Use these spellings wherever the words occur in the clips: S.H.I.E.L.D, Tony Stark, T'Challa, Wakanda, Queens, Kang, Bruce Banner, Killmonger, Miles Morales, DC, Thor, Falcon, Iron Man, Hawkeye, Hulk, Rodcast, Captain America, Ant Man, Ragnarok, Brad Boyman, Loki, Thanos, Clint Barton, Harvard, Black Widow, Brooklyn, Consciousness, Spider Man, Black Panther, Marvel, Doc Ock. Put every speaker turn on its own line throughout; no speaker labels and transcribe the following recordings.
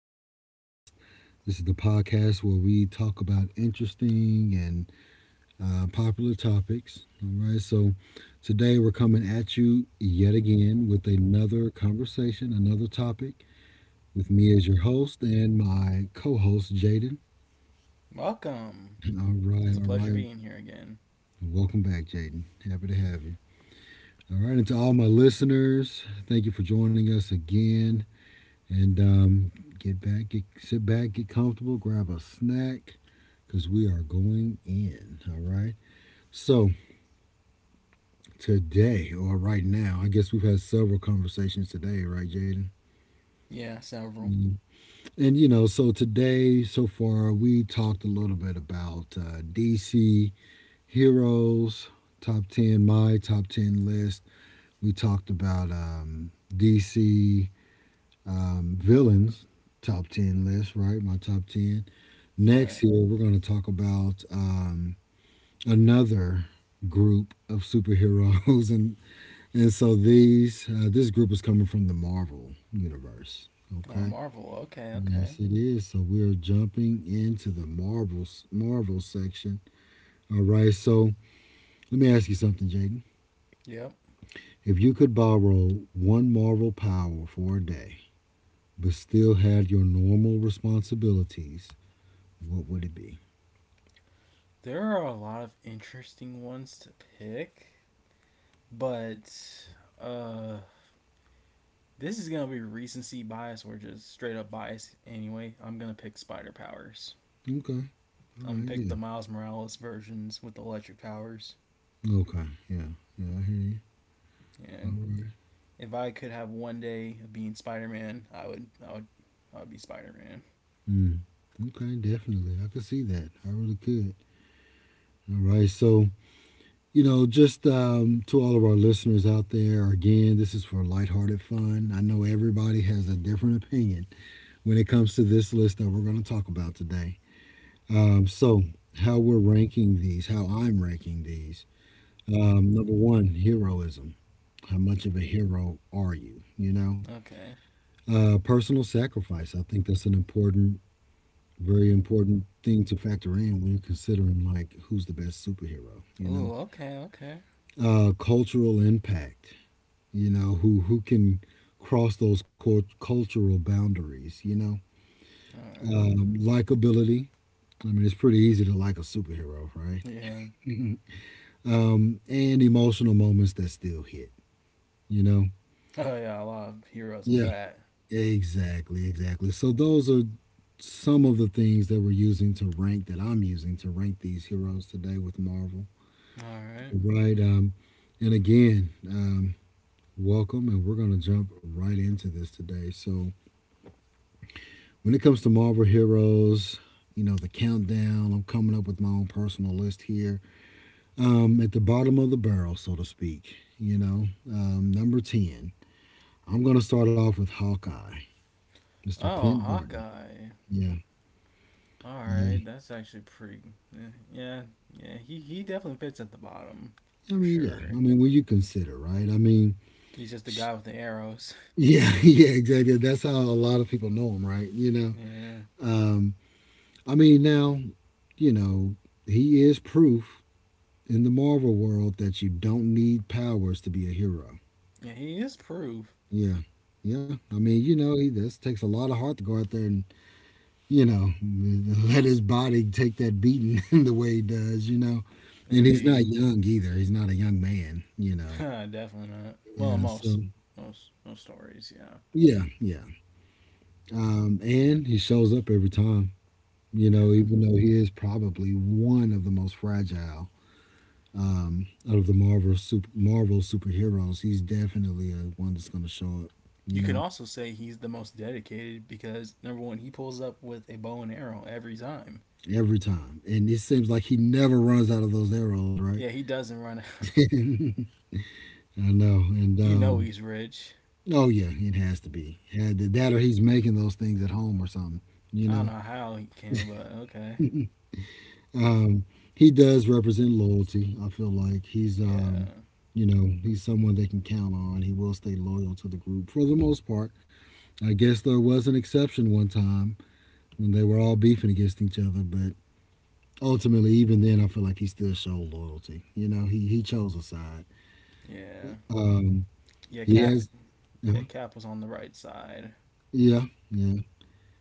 Rodcast. This is the podcast where we talk about interesting and popular topics. All right, so today we're coming at you yet again with another conversation, another topic, with me as your host and my co host, Jaden.
Welcome. It's a
All
pleasure
right,
being here again.
welcome back, Jaden. Happy to have you. All right, and to all my listeners, thank you for joining us again. And get back, sit back, get comfortable, grab a snack, because we are going in. All right. So today, or right now, I guess we've had several conversations today, right, Jaden?
Yeah, several.
Mhm. And so today, so far, we talked a little bit about DC heroes, top ten, my top ten list. We talked about DC villains top 10 list, right? My top 10. Next
Right.
here, we're going to talk about another group of superheroes. And so these, this group is coming from the Marvel universe, okay?
Marvel. Okay, okay.
Yes, it is. So we're jumping into the Marvel section. All right. So let me ask you something, Jaden.
Yep.
If you could borrow one Marvel power for a day, but still had your normal responsibilities, what would it be?
There are a lot of interesting ones to pick, but uh, this is gonna be recency bias or just straight up bias anyway. I'm gonna pick Spider Powers.
Okay. All
I'm gonna
right.
pick
Yeah.
the Miles Morales versions with the electric powers.
Okay. Yeah. Yeah. I hear you. All
And
right.
if I could have one day of being Spider Man, I would. I would. I would be Spider Man.
Mm. Okay. Definitely. I could see that. I really could. All right. So, just to all of our listeners out there, again, this is for lighthearted fun. I know everybody has a different opinion when it comes to this list that we're going to talk about today. Um, so, how we're ranking these, how I'm ranking these. Number one, heroism. How much of a hero are you? You know,
Okay.
Personal sacrifice. I think that's an very important thing to factor in when you're considering like who's the best superhero. You know,
Ooh. Okay. Okay.
cultural impact. You know, who can cross those cultural boundaries. You know,
All right.
likability. I mean, it's pretty easy to like a superhero, right?
Yeah.
And emotional moments that still hit. You know,
Oh yeah, a lot of heroes
Yeah.
with that.
Exactly, exactly. So those are some of the things that we're using to rank that I'm using to rank these heroes today with Marvel.
All right.
Right. And again, welcome, and we're going to jump right into this today. So when it comes to Marvel heroes, you know the countdown. I'm coming up with my own personal list here. At the bottom of the barrel, so to speak. You know, number ten. I'm going to start off with Hawkeye, Mr.
Oh,
Clint Barton.
Hawkeye.
Yeah.
All
Yeah.
right, that's actually pretty. Yeah, yeah. He definitely fits at the bottom
I
for
mean, yeah.
sure.
I mean, will you consider, right? I mean,
He's just the guy
sh-
with the arrows.
yeah, yeah, exactly. That's how a lot of people know him, right? You know,
Yeah.
um, I mean, now, you know, he is proof in the Marvel world that you don't need powers to be a hero.
Yeah, he is proof
Yeah, yeah. I mean, you know, this takes a lot of heart to go out there and, you know, let his body take that beating the way he does, you know. And he's not
indeed.
young either. He's not a young man, you know.
Definitely not. Well,
Yeah, so
most most stories, yeah.
yeah, yeah. And he shows up every time, you
Yeah.
know, even though he is probably one of the most fragile out of the Marvel superheroes. He's definitely one that's going to show up,
You
you
could
know,
also say he's the most dedicated because number one, he pulls up with a bow and arrow every time.
every time. And it seems like he never runs out of those arrows,
Yeah,
right?
he doesn't run out.
I know. And
You know he's rich.
oh yeah, it has to be. That or he's making those things at home or something, you
I don't know
know.
how he can, but okay.
um, he does represent loyalty. I feel like he's,
Yeah.
you know, he's someone they can count on. He will stay loyal to the group for the most part. I guess there was an exception one time when they were all beefing against each other, but ultimately, even then, I feel like he still showed loyalty. You know, he chose a side.
Yeah.
Um,
Yeah,
he
Cap
has, uh,
yeah, Cap was on the right side.
yeah, yeah.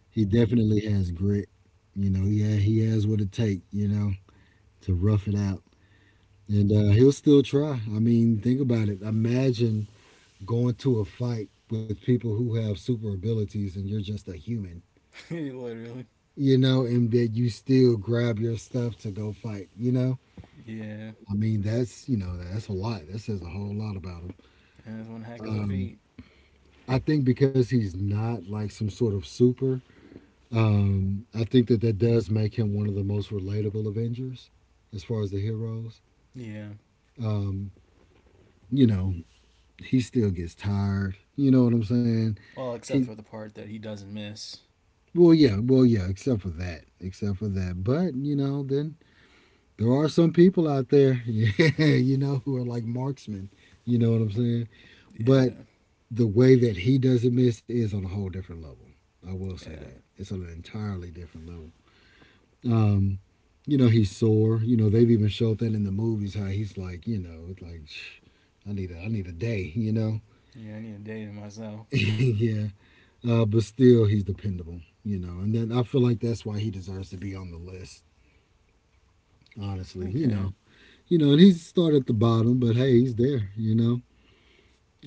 He definitely has grit. You know, yeah, he has what it take. You know, to rough it out, and he'll still try. I mean, think about it. Imagine going to a fight with people who have super abilities and you're just a human,
Literally.
you know, and that you still grab your stuff to go fight, you know?
Yeah.
I mean, that's, you know, that's a lot. That says a whole lot about him.
And that's one heck of a feat.
I think because he's not like some sort of super, I think that that does make him one of the most relatable Avengers as far as the heroes.
Yeah.
Um, you know, he still gets tired. You know what I'm saying?
Well,
He,
except for the part that he doesn't miss.
well, yeah, well, yeah, except for that, except for that. But, you know, then there are some people out there, yeah, you know, who are like marksmen. You know what I'm saying? But
Yeah.
the way that he doesn't miss is on a whole different level. I will say
Yeah.
that it's on an entirely different level. Um, you know, he's sore. You know, they've even showed that in the movies how he's like, you know, it's like, I need a day. You know,
Yeah, I need a day to myself.
yeah. But still, he's dependable. You know, and then I feel like that's why he deserves to be on the list. Honestly,
Okay.
you know, and he's started at the bottom, but hey, he's there. You know,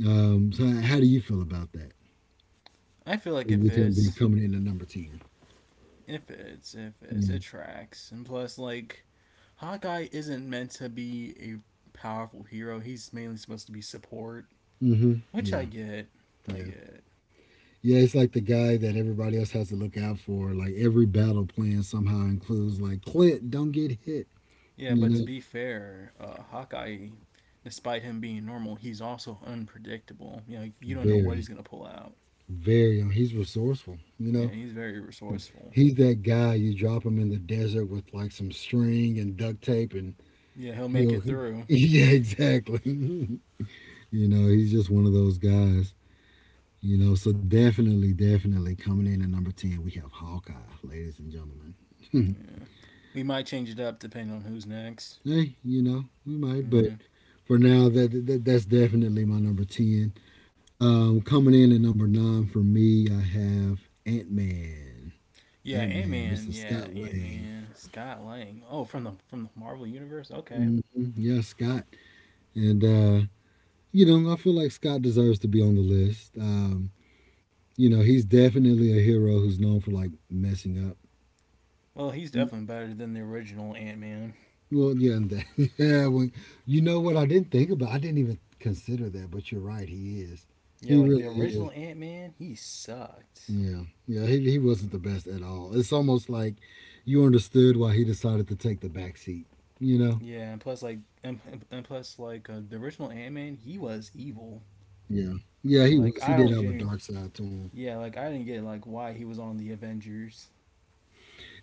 So how do you feel about that
I feel like
with
if
him being
it's
coming in at number ten?
if it's if it's
Yeah.
it tracks. And plus, like, Hawkeye isn't meant to be a powerful hero. He's mainly supposed to be support,
Mm-hmm.
which
Yeah.
I get. I
Yeah.
get.
Yeah, it's like the guy that everybody else has to look out for. Like every battle plan somehow includes like Clint, don't get hit.
Yeah,
You
but to
know,
be fair, Hawkeye, despite him being normal, he's also unpredictable. You know, you don't know what he's
very,
gonna pull out.
very. uh, He's resourceful. You know,
Yeah, he's very resourceful.
he's that guy. You drop him in the desert with like some string and duct tape, and
Yeah, he'll make it
he'll.
through.
Yeah, exactly. you know, he's just one of those guys. You know, so definitely, definitely coming in at number 10, we have Hawkeye, ladies and gentlemen.
Yeah, we might change it up depending on who's next.
hey, you know, we might, but
Yeah,
for now, that's definitely my number 10. Coming in at number 9 for me, I have Ant Man.
yeah,
Ant
Ant
Man,
Man.
Mr.
Yeah,
Scott
Ant
Lang.
Man. Scott Lang. Oh, from the Marvel universe. Okay.
Hmm Yeah, Scott. And, you know, I feel like Scott deserves to be on the list. You know, he's definitely a hero who's known for like messing up.
Well, he's definitely better than the original Ant Man.
Well, yeah, yeah. When you know what I didn't think about, I didn't even consider that. But you're right. He is.
Yeah,
He
like the
really is.
original Ant Man, he sucked.
Yeah, yeah. He wasn't the best at all. It's almost like you understood why he decided to take the back seat. You know.
Yeah, and plus like the original Ant Man, he was evil.
Yeah. Yeah,
Yeah,
he
like
was. He
I
did
don't
have a
genuinely.
dark side to him.
Yeah, like I didn't get like why he was on the Avengers.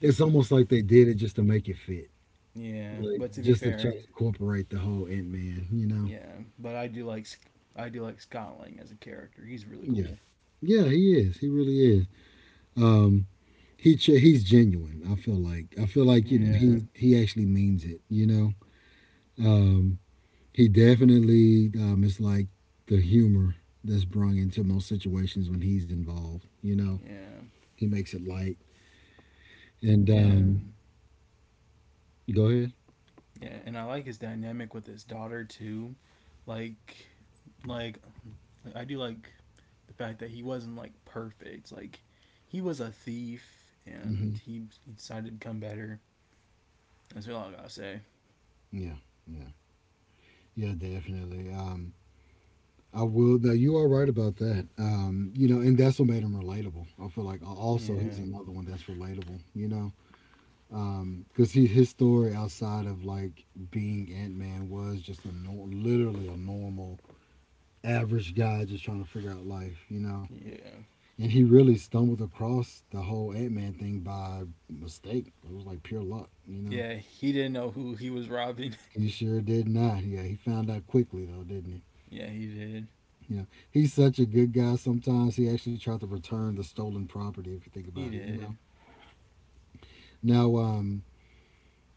The,
almost like they did it just to make it fit,
yeah,
like
but to be
just to try
fair,
to incorporate the whole Ant Man. You know.
yeah, but I do like Scott Lang as a character. He's really
Yeah.
cool.
Yeah, he is. He really is. Um. He's genuine. I feel like you know
Yeah,
he actually means it. You know, um, he definitely is like the humor that's brung into most situations when he's involved. You know,
yeah,
he makes it light. And
yeah,
go ahead.
yeah, and I like his dynamic with his daughter too. Like, like, I do like the fact that he wasn't like perfect. Like, he was a thief
Hmm
and he decided to become better. That's all I gotta say.
Yeah, yeah, yeah, definitely. I will. Now you are right about that. You know, and that's what made him relatable. I feel like also he's
Yeah,
another one that's relatable. You know, because he his story outside of like being Ant Man was just a nor literally a normal average guy just trying to figure out life, you know.
yeah.
And he really stumbled across the whole Ant Man thing by mistake. It was like pure luck, you know.
Yeah, he didn't know who he was robbing.
He sure did not. Yeah, he found out quickly though, didn't he?
yeah, he did.
You know, he's such a good guy. Sometimes he actually tried to return the stolen property. If you think
He
about it, you know.
did.
Now,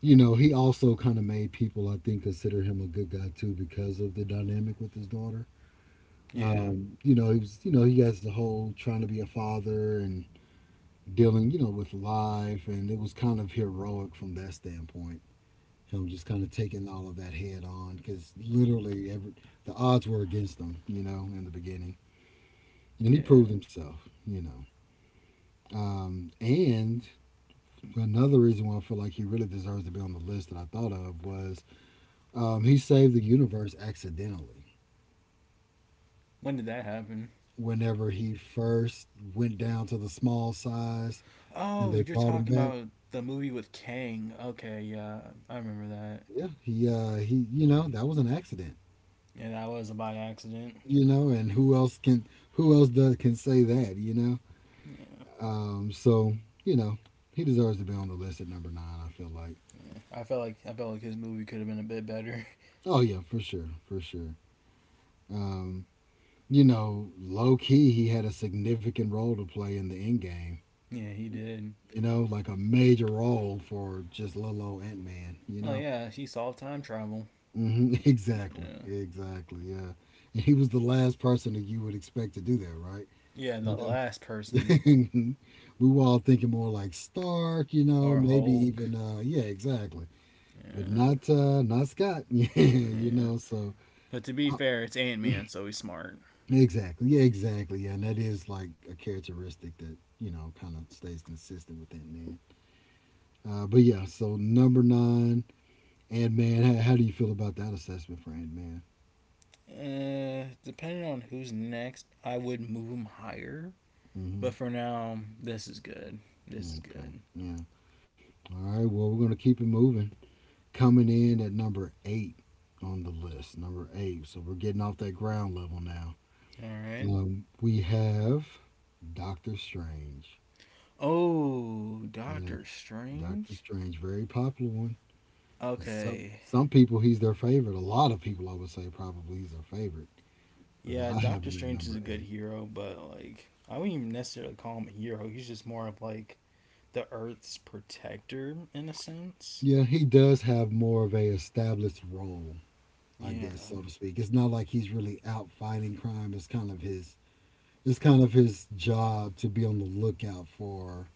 you know, he also kind of made people, I think, consider him a good guy too because of the dynamic with his daughter.
Yeah.
You know, he has the whole trying to be a father and dealing, you know, with life, and it was kind of heroic from that standpoint. Him just kind of taking all of that head on because literally every the odds were against him, you know, in the beginning, and he proved
Yeah.
himself, you know. And another reason why I feel like he really deserves to be on the list that I thought of was he saved the universe accidentally.
When did that happen?
Whenever he first went down to the small size and
Oh,
they
you're
brought him
talking
back,
about the movie with Kang. Okay, yeah, I remember that.
yeah, he you know that was an accident.
Yeah, that was by accident.
You know, and who else does can say that?
Yeah,
So you know he deserves to be on the list at number nine. I feel like.
yeah. I felt like his movie could have been a bit better.
Oh yeah, for sure, for sure. Um, Low key, he had a significant role to play in the end game.
yeah, he did.
Like a major role for just little old Ant Man.
Well, yeah, he solved time travel.
Hmm. Exactly.
Yeah,
Exactly. Yeah. And he was the last person that you would expect to do that, right?
yeah. The
You know,
last person
we were all thinking more like Stark.
or
Maybe
Hulk.
even yeah, exactly. But
Yeah,
not Scott. Yeah, you
yeah.
know. So
But to be
uh,
fair, it's Ant Man, so he's smart.
exactly. Yeah, exactly. Yeah, and that is like a characteristic that kind of stays consistent with Ant Man. But yeah, so number nine, Ant Man. How do you feel about that assessment for Ant Man?
Depending on who's next, I would move them higher.
Hmm.
But for now, this is good. This is
Okay.
good.
Yeah. All right, well, we're going to keep it moving. Coming in at number eight on the list, number eight. So we're getting off that ground level now.
All right.
We have Doctor Strange.
Oh,
Yeah,
Doctor
Doctor
Strange.
Strange, very popular one. Some
Okay.
some people he's their favorite. A lot of people, I would say, probably he's their favorite, but
Yeah,
I have
Doctor
him at
Strange is a
number
good
eight.
hero, but like I wouldn't even necessarily call him a hero. He's just more of like the Earth's protector in a sense.
Yeah, he does have more of a established role, I
Yeah,
guess, so to speak. It's not like he's really out fighting crime. It's kind of his job to be on the lookout for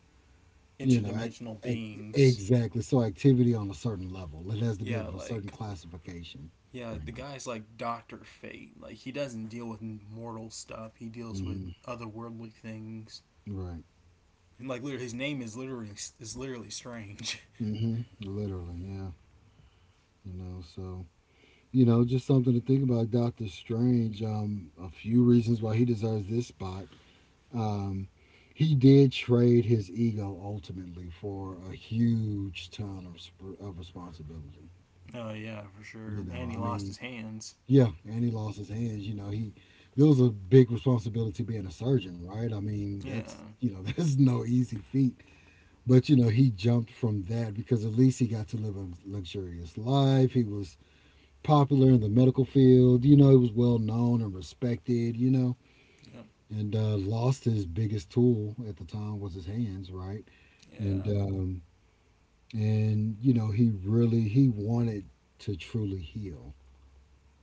you know ac
interdimensional
ac
beings.
exactly. So activity on a certain level, it has to be
Yeah,
of a certain
like
classification
Yeah,
for
like the
him.
guy's like Doctor Fate. Like he doesn't deal with mortal stuff. He deals with
Hmm.
otherworldly things.
Right.
And like literally, his name is literally strange.
Hmm. Literally, yeah. So just something to think about Doctor Strange. A few reasons why he deserves this spot. um he did trade his ego ultimately for a huge ton of responsibility.
Oh yeah, for sure. And he
I
lost
mean,
his hands.
yeah, and he lost his hands. You know, he It was a big responsibility being a surgeon, right? I mean,
Yeah.
that's no easy feat. But he jumped from that because at least he got to live a luxurious life. He was popular in the medical field. He was well known and respected. You know,
Yep.
and uh, lost his biggest tool at the time was his hands, right? And
Yeah.
um, and he really he wanted to truly heal.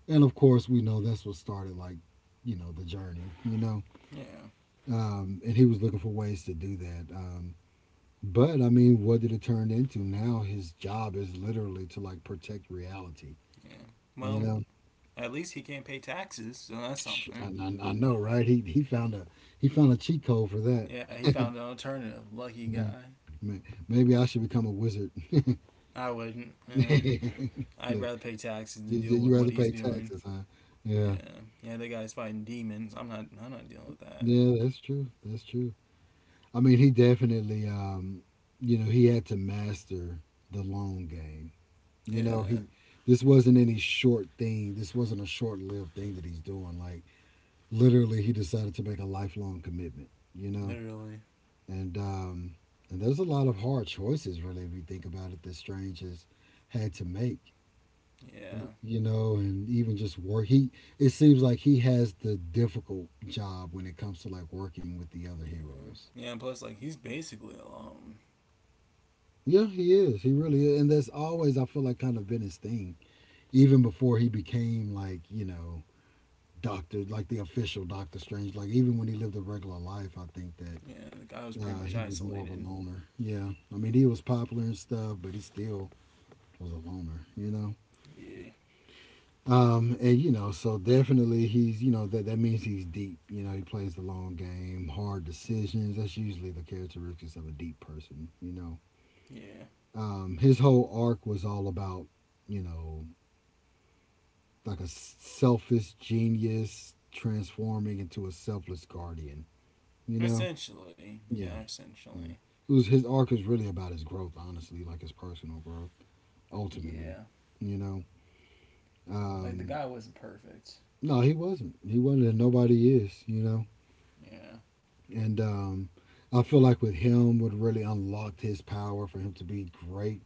And of course, we know that's what started, like, the journey. You know.
Yeah.
And he was looking for ways to do that. But I mean, what did it turn into? Now his job is literally to, like, protect reality,
Yeah.
you
Well,
know.
at least he can't pay taxes, so that's
I,
something.
I, I know, right? He found a cheat code for that,
Yeah, he found an alternative. Lucky
right?
guy.
May- Maybe I should become a wizard. Look,
I wouldn't. Eh, I'd
you,
rather pay taxes
you-
than deal
you
with
rather
what he's
pay
doing.
taxes, huh? Yeah,
Yeah. Yeah, that guy's fighting demons. I'm not. I'm not dealing with that.
yeah, that's true. That's true. I mean, he definitely, you know, he had to master the long game. You know,
Yeah.
he This wasn't any short thing. This wasn't a short-lived thing that he's doing. Like, literally, he decided to make a lifelong commitment.
Literally.
And um, and there's a lot of hard choices, really, if you think about it, that Strange has had to make. y-
Yeah.
You know, and even just work. He It seems like he has the difficult job when it comes to like working with the other
Yeah.
heroes.
Yeah. Plus, like, he's basically alone.
Yeah, he is. He really is. And that's always, I feel like, kind of been his thing. Even before he became, like, Doctor, like the official Doctor Strange. Like, even when he lived a regular life, I think
Yeah.
that
The guy was pretty much
he was more of a
isolated.
loner. Yeah. I mean, he was popular and stuff, but he still was a loner, you know?
Yeah.
So definitely he's, that means he's deep. He plays the long game, hard decisions. That's usually the characteristics of a deep person, you know?
Yeah.
His whole arc was all about you know like a selfish genius transforming into a selfless guardian. You know?
Essentially.
Yeah.
Yeah.
Yeah.
Essentially.
It was His arc is really about his growth, honestly, like his personal growth, ultimately.
Yeah.
You know?
Like, the
Um
guy wasn't perfect.
no, he wasn't. He wasn't, and nobody is, you know.
Yeah.
And I feel like with him what really unlocked his power for him to be great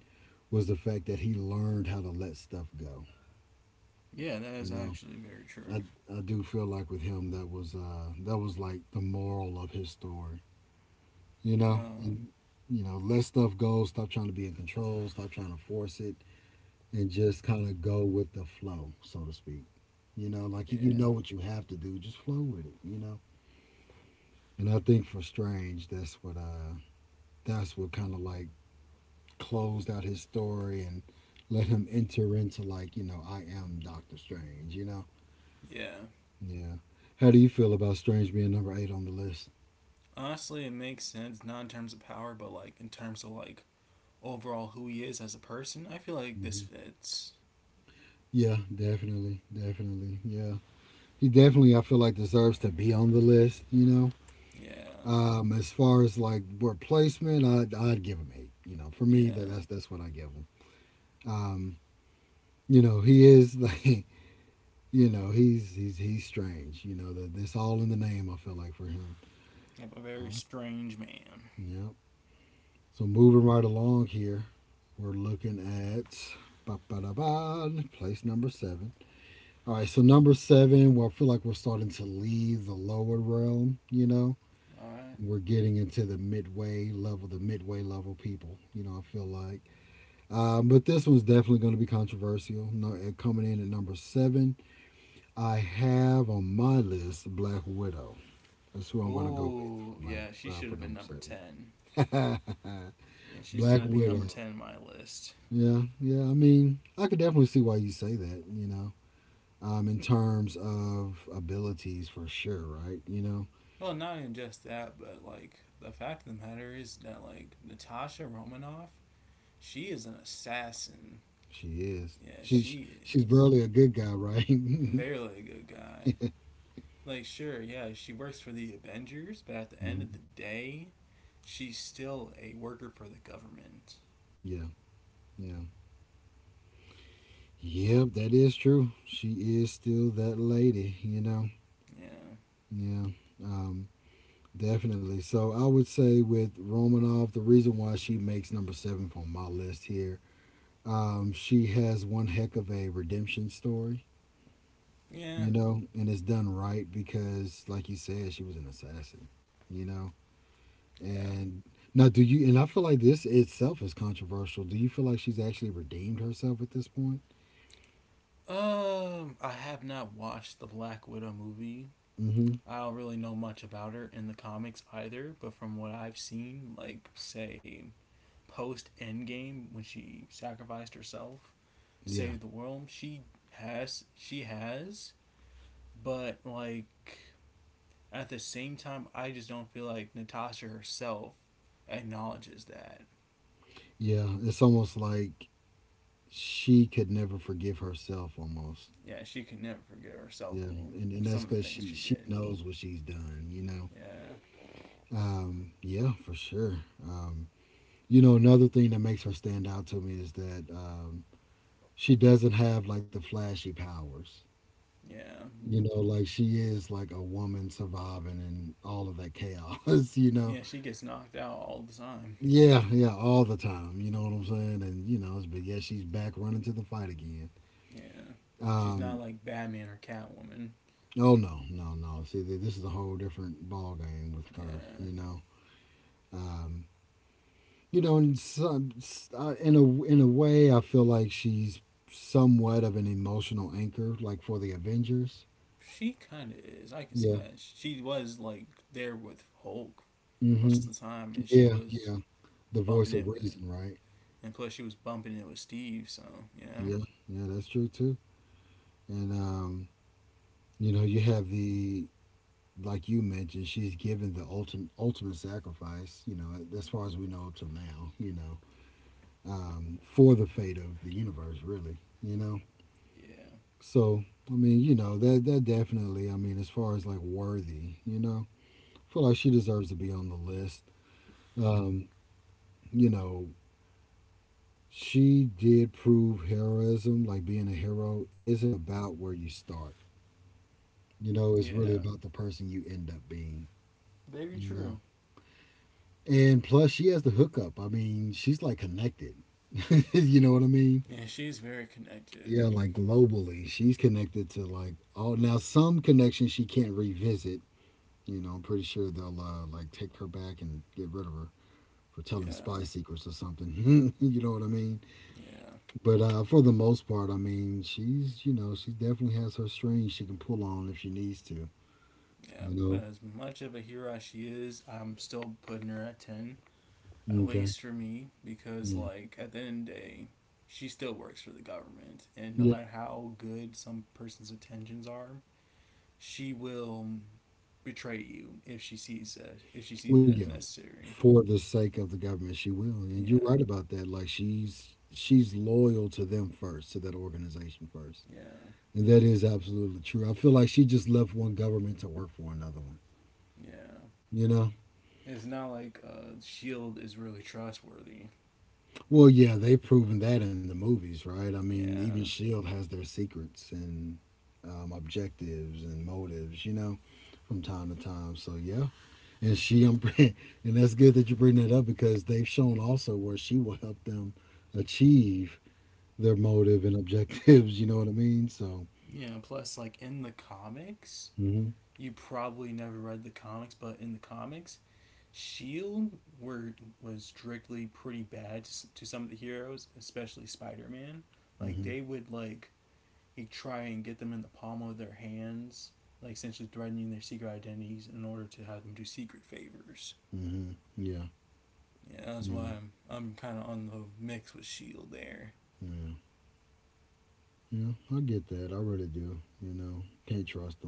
was the fact that he learned how to let stuff go,
Yeah. That
you
is
know.
actually very
I,
true.
I do feel like with him that was like the moral of his story you know
Uh,
and, let stuff go, stop trying to be in control, stop trying to force it, and just kind of go with the flow, so to speak. You know
yeah.
what you have to do, just flow with it. And I think for Strange, that's what kind of like closed out his story and let him enter into, like, I am Doctor Strange.
Yeah.
Yeah. How do you feel about Strange being number eight on the list?
Honestly, it makes sense, not in terms of power, but, like, in terms of, like, overall who he is as a person. I feel like this
Hmm.
fits.
Yeah, definitely, definitely, yeah. He definitely, I feel like, deserves to be on the list.
Yeah.
As far as like replacement, I'd give him eight. For me, that
Yeah.
that's that's what I give him. Um, he is like he's strange. That this all in the name. I feel like for him.
Yep, a very
Um,
strange man.
yep. So moving right along here, we're looking at Ba-ba-da-ba, place number seven. All right, so number seven, well, I feel like we're starting to leave the lower realm.
Alright.
We're getting into the midway level people. You know, I feel like. But this one's definitely going to be controversial. No, coming in at number seven, I have on my list Black Widow. That's who I'm going to go with for
Oh,
Black
yeah, she should
for
have been
number
number
seven.
10. Yeah, she's going
Black
to be number
Widow.
10 in my list.
Yeah, yeah. I mean, I could definitely see why you say that. In terms of abilities, for sure, right?
Well, not even just that, but like the fact of the matter is that like Natasha Romanoff, she is an assassin.
She is.
Yeah,
She's
she
she's
is
barely a good guy, right?
barely a good guy. Like sure, yeah, she works for the Avengers, but at the end of the day, she's still a worker for the government.
Yeah, yeah. Yep, that is true. She is still that lady.
Yeah.
Yeah, um, definitely. So I would say with Romanoff, the reason why she makes number seven on my list here, she has one heck of a redemption story,
Yeah.
you know, and it's done right because, like you said, she was an assassin, you know.
Yeah.
And now, do you? And I feel like this itself is controversial. Do you feel like she's actually redeemed herself at this point?
I have not watched the Black Widow movie.
Mm-hmm.
I don't really know much about her in the comics either, but from what I've seen, like say post Endgame when she sacrificed herself to
Yeah.
save the world, she has, but like at the same time, I just don't feel like Natasha herself acknowledges that.
Yeah, it's almost like she could never forgive herself almost.
Yeah, she could never forgive herself
Yeah,
for
and
some
that's
of the
because
things
she
she
she
did.
knows what she's done. You know.
Yeah,
Yeah, for sure. Um, Another thing that makes her stand out to me is that she doesn't have like the flashy powers.
yeah,
Like she is like a woman surviving in all of that chaos. You know.
yeah. She gets knocked out all the time.
Yeah, yeah, all the time. You know what I'm saying? And but yeah, she's back running to the fight again.
Yeah, she's not
Um,
like Batman or Catwoman.
Oh, no, no, no. See, this is a whole different ball game with her.
Yeah,
Um, in some, s- in a way, I feel like she's somewhat of an emotional anchor, like for the Avengers.
she kind of is. I can see
Yeah.
that. She was like there with Hulk for most
Hmm.
of the time, and she
Yeah,
was
yeah. The
bumping
voice
it
of
with,
reason, right?
and plus she was bumping it with Steve. So yeah,
Yeah, yeah, that's true too. And you know, you have the like you mentioned, she's given the ultimate sacrifice.
yeah,
As far as we know up till now. For the fate of the universe, really. So I mean, that definitely. I mean, as far as like worthy, I feel like she deserves to be on the list. Um, you know, she did prove heroism, like being a hero, isn't about where you start.
yeah,
It's really
yeah.
about the person you end up being.
Very
You know,
true.
and plus she has the hookup. I mean, she's like connected. you know what I mean?
Yeah, she's very connected.
Yeah, like globally, she's connected to like all now some connections she can't revisit. I'm pretty sure they'll like take her back and get rid of her for telling spy
Yeah,
secrets or something. you know what I mean?
yeah,
But for the most part, I mean, she's you know she definitely has her strings she can pull on if she needs to.
yeah.
You
But as much of a hero as she is, I'm still putting her at ten. At
know? Okay.
least for me, because
Yeah.
like at the end of the day, she still works for the government, and no
Yeah.
matter how good some person's intentions are, she will betray you if she sees
Well,
it as
yeah.
necessary.
For the sake of the government, she will, and you're
Yeah,
right about that. Like she's loyal to them first, to that organization first.
yeah,
And that is absolutely true. I feel like she just left one government to work for another one.
yeah.
You know?
It's not like Shield is really trustworthy.
Well, yeah, they've proven that in the movies, right? I mean, even
Yeah,
S.H.I.E.L.D. has their secrets and objectives and motives, you know, from time to time. So, yeah. And she, and that's good that you bring that up because they've shown also where she will help them achieve their motive and objectives, you know what I mean? So,
yeah. Plus, like in the comics,
hmm
you probably never read the comics, but in the comics, Shield were was strictly pretty bad to some of the heroes, especially Spider Man. Like
hmm
they would like he try and get them in the palm of their hands, like essentially threatening their secret identities in order to have them do secret favors.
hmm yeah,
Yeah, that's
yeah,
why I'm kind of on the mix with Shield there.
yeah. Yeah, I get that. I really do. Can't trust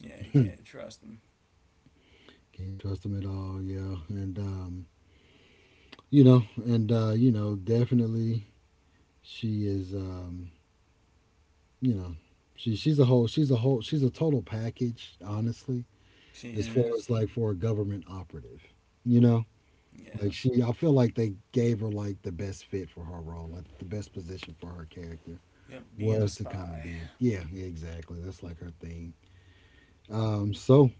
Yeah, you
them.
can't trust him.
Can't trust them at all. Yeah, and definitely she is. You know, she's a whole. She's a whole. She's a total package. Honestly,
She
as far
is.
as like for a government operative, you know.
Yeah.
Like she, I feel like they gave her like the best fit for her role, like the best position for her character
Yep, being a
was to kind of
spy.
be. Yeah, exactly. That's like her thing. So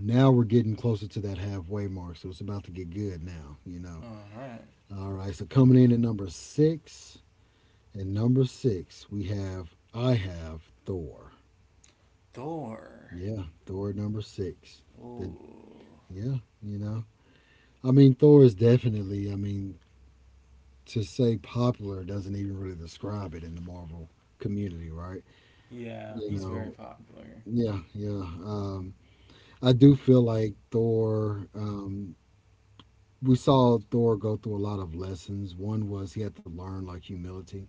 now we're getting closer to that halfway mark, so it's about to get good now, you know.
All right.
All right, so coming in at number six. And number six, we have I have Thor.
Thor.
Yeah, Thor number six. The
Oh.
yeah, you know. I mean Thor is definitely, I mean, to say popular doesn't even really describe it in the Marvel community, right?
Yeah,
You
he's very
know,
popular.
yeah, yeah. I do feel like Thor, we saw Thor go through a lot of lessons. One was he had to learn like humility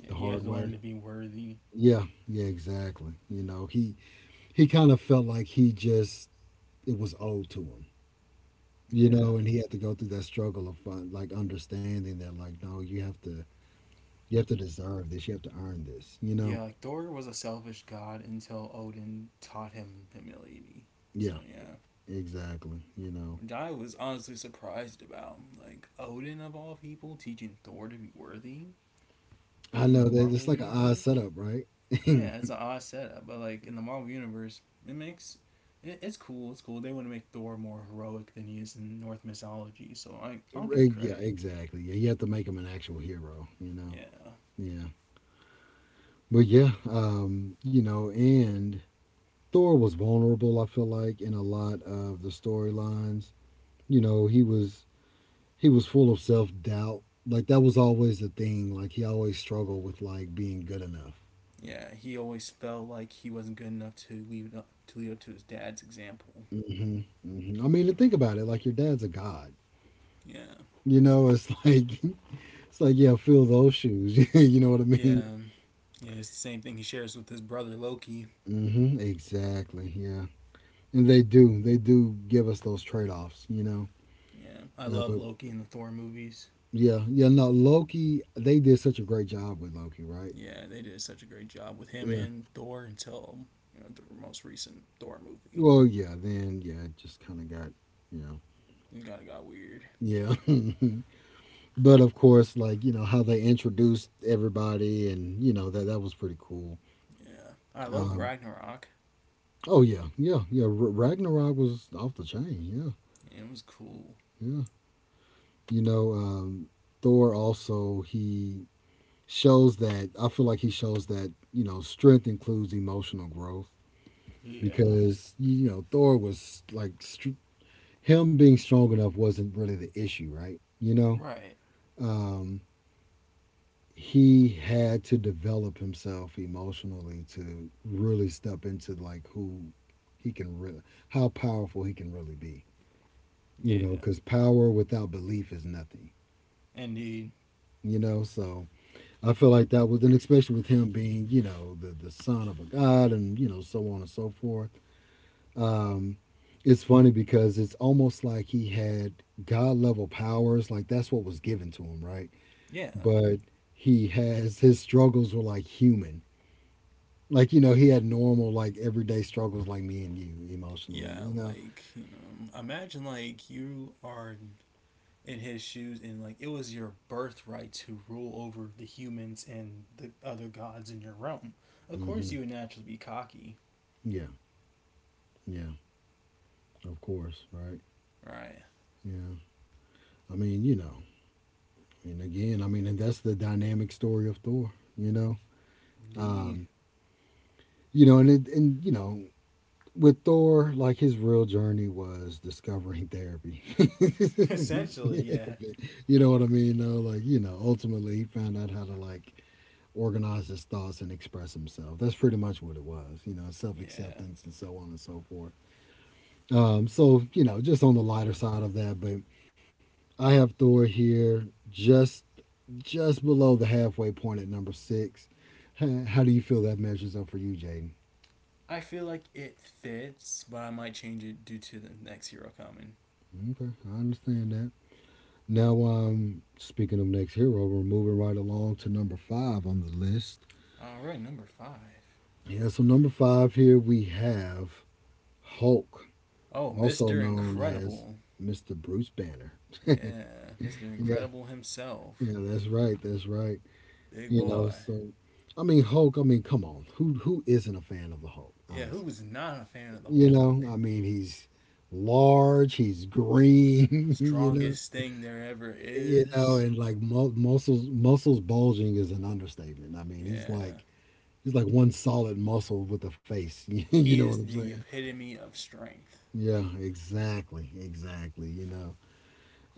Yeah,
the
he has
hard
to learn
way.
to be worthy.
Yeah, yeah, exactly. You know, he kind of felt like he just it was owed to him. You
Yeah.
know, and he had to go through that struggle of fun, like understanding that like no, you have to deserve this, you have to earn this, you know?
Yeah, like Thor was a selfish god until Odin taught him humility. So
Yeah,
yeah,
exactly. You know.
which I was honestly surprised about. Like Odin of all people teaching Thor to be worthy
I
in
know
the
that
Marvel
it's like an odd
universe.
setup, right?
Yeah, it's an odd setup, but like in the Marvel universe, it makes it's cool. It's cool. They want to make Thor more heroic than he is in Norse mythology, so I'll give it
Right, yeah,
credit.
exactly. Yeah, you have to make him an actual hero, you know.
Yeah,
Yeah. But yeah, you know, and Thor was vulnerable. I feel like in a lot of the storylines, you know, he was full of self doubt. Like that was always the thing. Like he always struggled with like being good enough.
yeah, he always felt like he wasn't good enough to lead up to his dad's example.
Hmm hmm. I mean, think about it. Like your dad's a god.
Yeah.
You know, it's like it's like yeah, fill those shoes. You know what I mean?
Yeah. Yeah, it's the same thing he shares with his brother Loki.
Hmm. Exactly. Yeah, and they do. They do give us those trade offs. You know,
Yeah. I
uh,
love
but
Loki in the Thor movies.
yeah, yeah, no, Loki, they did such a great job with Loki, right?
Yeah, they did such a great job with him
Yeah.
and Thor until you know, the most recent Thor movie.
Well, yeah, then, yeah, it just kind of got, you know,
It kind of got weird.
yeah. But of course, like, you know, how they introduced everybody and, you know, that that was pretty cool.
Yeah. I love the
Um,
Ragnarok.
oh, yeah, yeah, yeah. Ragnarok was off the chain.
It was cool.
Yeah, yeah. You know, Thor also, he shows that, I feel like he shows that, you know, strength includes emotional growth
Yeah.
because you know Thor was like him being strong enough wasn't really the issue, right? You know,
Right.
um, he had to develop himself emotionally to really step into like who he can really, how powerful he can really be. You know,
Yeah.
because power without belief is nothing.
Indeed.
You know, so I feel like that was, and especially with him being, you know, the son of a god, and you know, so on and so forth. Um, it's funny because it's almost like he had god level powers like that's what was given to him right
Yeah.
but he has his struggles were like human. Like you know, he had normal like everyday struggles like me and you emotionally.
Yeah,
You know.
like, you know, imagine like you are in his shoes and like it was your birthright to rule over the humans and the other gods in your realm. Of course
Hmm
you would naturally be cocky.
Yeah. Yeah. Of course. Right.
Right.
Yeah. I mean, you know, and again, I mean, and that's the dynamic story of Thor. You know.
Indeed.
Um. You know, and it, and you know. With Thor, like his real journey was discovering therapy.
Essentially, yeah.
You know what I mean? Though, like you know, ultimately he found out how to like organize his thoughts and express himself. That's pretty much what it was, you know, self
Yeah.
acceptance and so on and so forth. So you know, just on the lighter side of that, but I have Thor here just below the halfway point at number six. How do you feel that measures up for you, Jaden?
I feel like it fits, but I might change it due to the next hero coming.
Okay, I understand that. Now, speaking of next hero, we're moving right along to number five on the list.
Alright, number five.
Yeah, so number five here we have Hulk,
Oh,
also
Mr.
known as
Incredible.
Mr. Bruce Banner.
Yeah, Mr.
Yeah,
Incredible himself.
yeah, that's right, that's right.
Big
You know,
boy.
so I mean Hulk, I mean, come on. Who isn't a fan of the Hulk,
Yeah, who
honestly?
was not a fan of the
You know,
Hulk?
I mean he's large, he's green, you
Strongest
know.
thing there ever
You know,
is.
and like muscles bulging is an understatement. I mean,
Yeah.
he's like one solid muscle with a face. You
He
know what
is
I'm
the
saying?
epitome of strength.
Yeah, exactly, exactly, you know.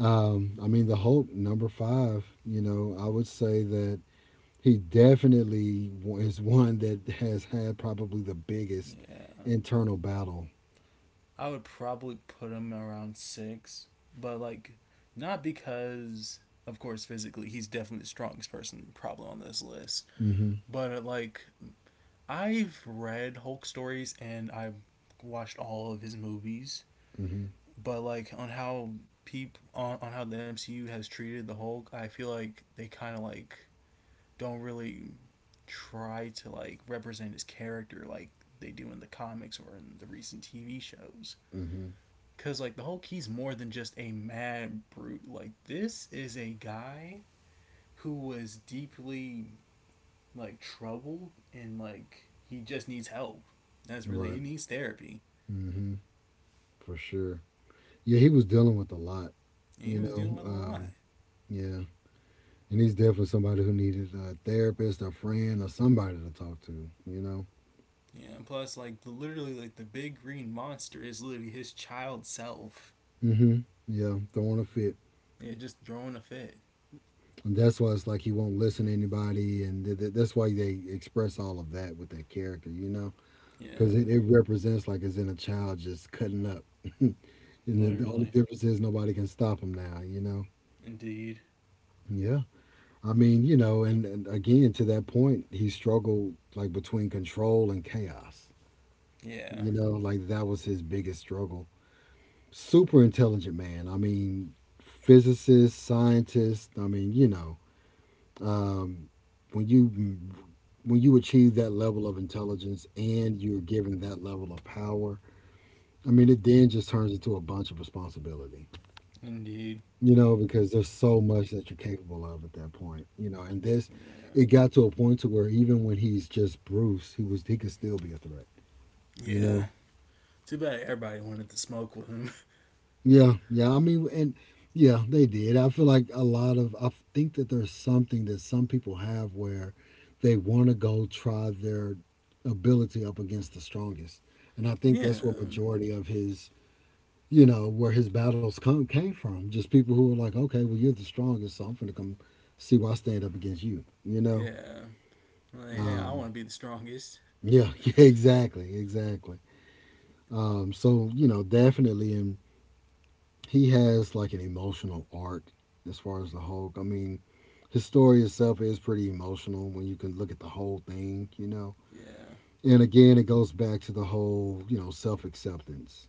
I mean the Hulk number 5, you know, I would say that he definitely is one that has had probably the biggest
Yeah.
internal battle.
I would probably put him around six, but like not because of course physically he's definitely the strongest person probably on this list.
Mm-hmm.
But like I've read Hulk stories and I've watched all of his movies,
Mm-hmm.
but like on how the MCU has treated the Hulk, I feel like they kind of like don't really try to like represent his character like they do in the comics or in the recent TV shows.
Mm-hmm.
Cause like the Hulk, he's more than just a mad brute. Like this is a guy who was deeply like troubled and like he just needs help. That's really he
Right.
needs therapy.
Mm-hmm. For sure. Yeah, he was dealing with a lot.
And he
You
was
know.
dealing with a lot.
Yeah, and he's definitely somebody who needed a therapist, a friend, or somebody to talk to. You know.
Yeah, and plus like literally like the big green monster is literally his child self.
Mm-hmm. Yeah, throwing a fit.
Yeah, just throwing a fit.
And that's why it's like he won't listen to anybody, and that's why they express all of that with that character. You know. Because it,
Yeah,
it represents like it's in a child just cutting up and then the only
literally,
difference is nobody can stop him now, you know.
indeed.
Yeah, I mean you know, and again to that point he struggled like between control and chaos,
Yeah.
you know, like that was his biggest struggle. Super intelligent man, I mean physicist, scientist, I mean, you know, um, when you when you achieve that level of intelligence and you're given that level of power, I mean, it then just turns into a bunch of responsibility,
Indeed.
you know, because there's so much that you're capable of at that point, you know. And this,
Yeah.
it got to a point to where even when he's just Bruce, he was he could still be a threat, you know.
Yeah. Too bad everybody wanted to smoke with him.
Yeah, yeah. I mean, and yeah, they did. I feel like a lot of I think that there's something that some people have where they want to go try their ability up against the strongest, and I think
yeah.
that's what majority of his you know, where his battles come came from. Just people who were like, okay, well, you're the strongest, so I'm gonna come see why I stand up against you. You know,
Yeah. Like, hey, I want
um,
to be the strongest.
yeah, yeah, exactly, exactly. So you know, definitely, and he has like an emotional arc as far as the Hulk. I mean, his story itself is pretty emotional when you can look at the whole thing. You know,
Yeah.
and again, it goes back to the whole you know self acceptance.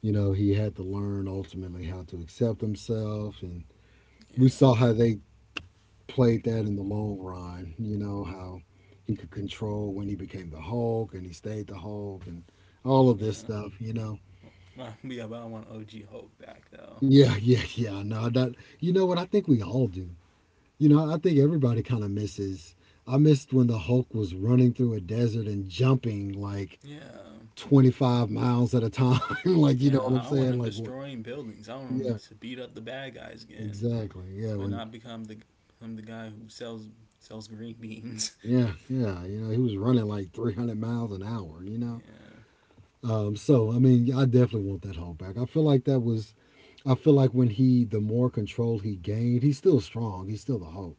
You know, he had to learn ultimately how to accept himself, and we
Yeah.
saw how they played that in the long run. You know how he could control when he became the Hulk and he stayed the Hulk and all of
Yeah.
this stuff. You know.
Well, yeah, but I want OG Hope back, though.
Yeah, yeah, yeah. No, that. You know what? I think we all do. You know, I think everybody kind of misses. I missed when the Hulk was running through a desert and jumping like
Yeah.
25 miles at a time. Like, you know what
Yeah,
I'm
I want
saying?
him
Like, what?
destroying buildings. I want him
Yeah,
to beat up the bad guys again,
exactly. Yeah,
but
when.
not become the I'm the guy who sells green beans.
Yeah, yeah. You know, he was running like 300 miles an hour. You know.
yeah.
So I mean, yeah, I definitely want that hold back. I feel like that was. I feel like when he, the more control he gained, he's still strong. He's still the Hulk,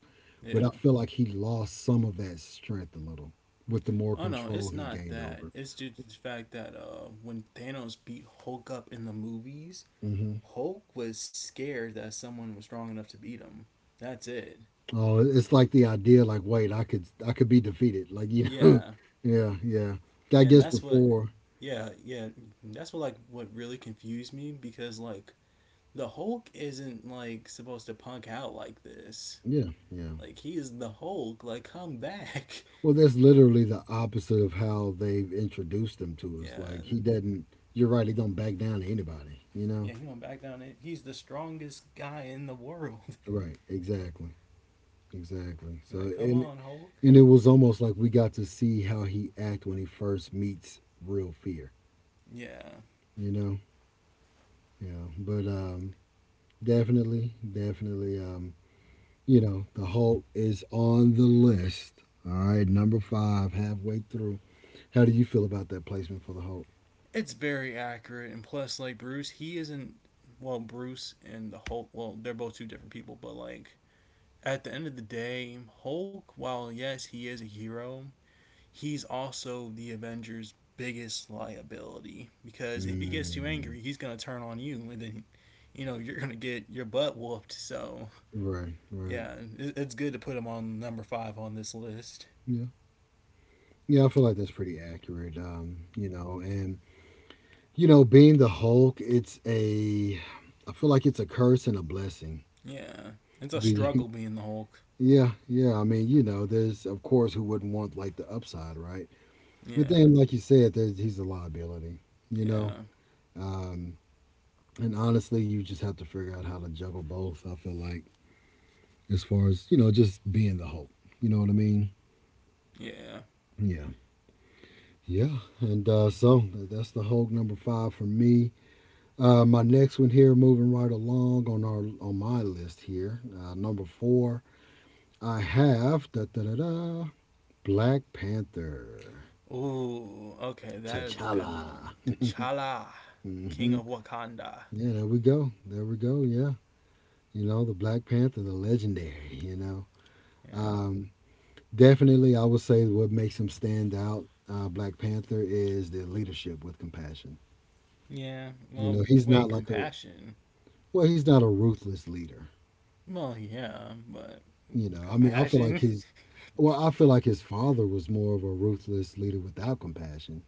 but
Yeah.
I feel like he lost some of that strength a little with the more
Oh no, it's
control he
not
gained
that.
over
It's just the fact that when Thanos beat Hulk up in the movies,
it. Hmm.
Hulk was scared that someone was strong enough to beat him. That's it.
Oh, it's like the idea, like wait, I could be defeated, like you know,
Yeah,
yeah, yeah. I
yeah, and
guess
that's what.
before,
Yeah, yeah, that's what like what really confused me because like the Hulk isn't like supposed to punk out like this.
yeah, yeah.
Like he is the Hulk. Like come back.
Well, that's literally the opposite of how they've introduced him to us.
Yeah,
Like he doesn't. You're right. He don't back down to anybody. You know.
yeah, he went back down. It. He's the strongest guy in the world.
Right, exactly, exactly. So
like come on, Hulk.
and it was almost like we got to see how he act when he first meets real fear,
Yeah.
you know? Yeah, but definitely, definitely, you know, the Hulk is on the list. All right, number 5 halfway through. How do you feel about that placement for the Hulk?
It's very accurate, and plus, like Bruce, he isn't well. Bruce and the Hulk, well, they're both two different people, but like at the end of the day, Hulk, while yes, he is a hero, he's also the Avengers' biggest liability because if he gets too
Mm,
angry, he's gonna turn on you, and then you know you're gonna get your butt whooped. So
right, right.
yeah, it's good to put him on number five on this list.
Yeah. Yeah, I feel like that's pretty accurate. You know, and you know, being the Hulk, it's a I feel like it's a curse and a blessing.
Yeah, it's a
Do you?
struggle being the Hulk.
Yeah, yeah. I mean, you know, there's of course who wouldn't want like the upside, right? But
Yeah,
then, like you said, there's he's a liability. You know,
yeah,
um, and honestly, you just have to figure out how to juggle both. I feel like as far as you know, just being the Hulk. You know what I mean?
yeah.
Yeah, yeah. And so that's the Hulk number five for me. My next one here, moving right along on our on my list here, number four, I have da da da da Black Panther,
Ooh, okay, that is a good
T'Challa.
one. T'Challa, the king
hmm
of Wakanda.
Yeah, there we go. There we go. Yeah, you know the Black Panther, the legendary.
Yeah,
Um, Definitely, I would say what makes him stand out, Black Panther, is the leadership with compassion.
yeah.
You know,
Well,
he's not
wait,
like a
compassion.
well, he's not a ruthless leader.
Well, yeah, but
You know, I mean, I feel like
compassion.
his, well, I feel like his father was more of a ruthless leader without compassion.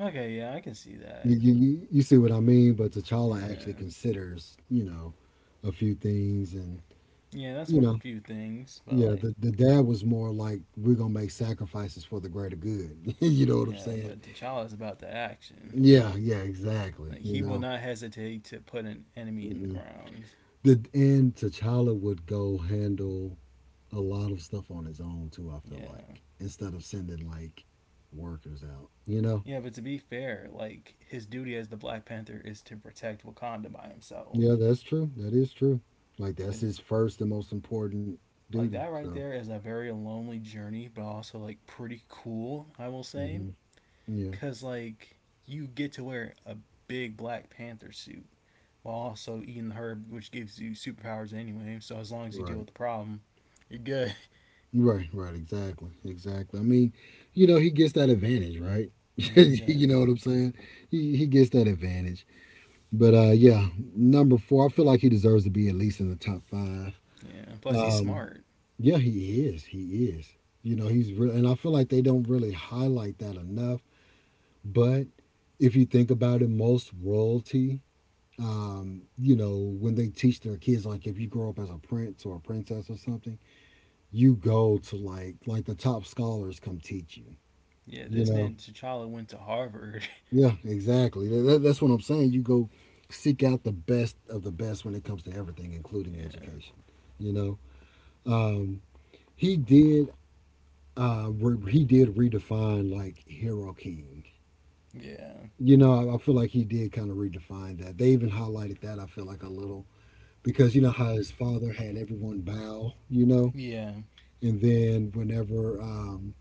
Okay, yeah, I can see
You,
that.
you, you you see what I mean? But T'Challa actually
Yeah,
considers, you know, a few things, and
yeah. That's
you
one of the
know,
few things, but
yeah,
like,
the dad was more like, we're gonna make sacrifices for the greater good. you know what I'm
yeah,
saying?
but T'Challa is about the action.
Yeah, yeah, exactly.
Like,
You
he will
know,
not hesitate to put an enemy in the
mm-mm.
ground.
the and T'Challa would go handle a lot of stuff on his own too. I feel
Yeah.
like instead of sending like workers out, you know.
Yeah, but to be fair, like his duty as the Black Panther is to protect Wakanda by
Yeah,
himself.
that's true. That is true. Like that's
Which
his first and most important
like
duty.
that right
So,
there is a very lonely journey, but also like pretty cool, I will say,
hmm yeah,
cuz like you get to wear a big Black Panther suit while also eating the herb, which gives you superpowers anyway. So as long as you deal
right,
with the problem, you're good.
right. Exactly, exactly. I mean, you know, he gets that advantage, right?
Yeah, he
you know what
does.
I'm saying? He gets that advantage. But Yeah, number four, I feel like he deserves to be at least in the top five.
Yeah, and plus he's
Um,
smart.
yeah, he is. He is. You know, he's real, and I feel like they don't really highlight that enough. But if you think about it, most royalty you know, when they teach their kids, like if you grow up as a prince or a princess or something, you go to like the top scholars come teach you.
Yeah,
You
this
know,
man T'Challa went to Harvard.
yeah, exactly. That's what I'm saying. You go seek out the best of the best when it comes to everything, including
yeah,
education. You know, um, he did. He did redefine like hero king.
yeah,
You know, I feel like he did kind of redefine that. They even highlighted that. I feel like a little because you know how his father had everyone bow, you know,
yeah.
and then whenever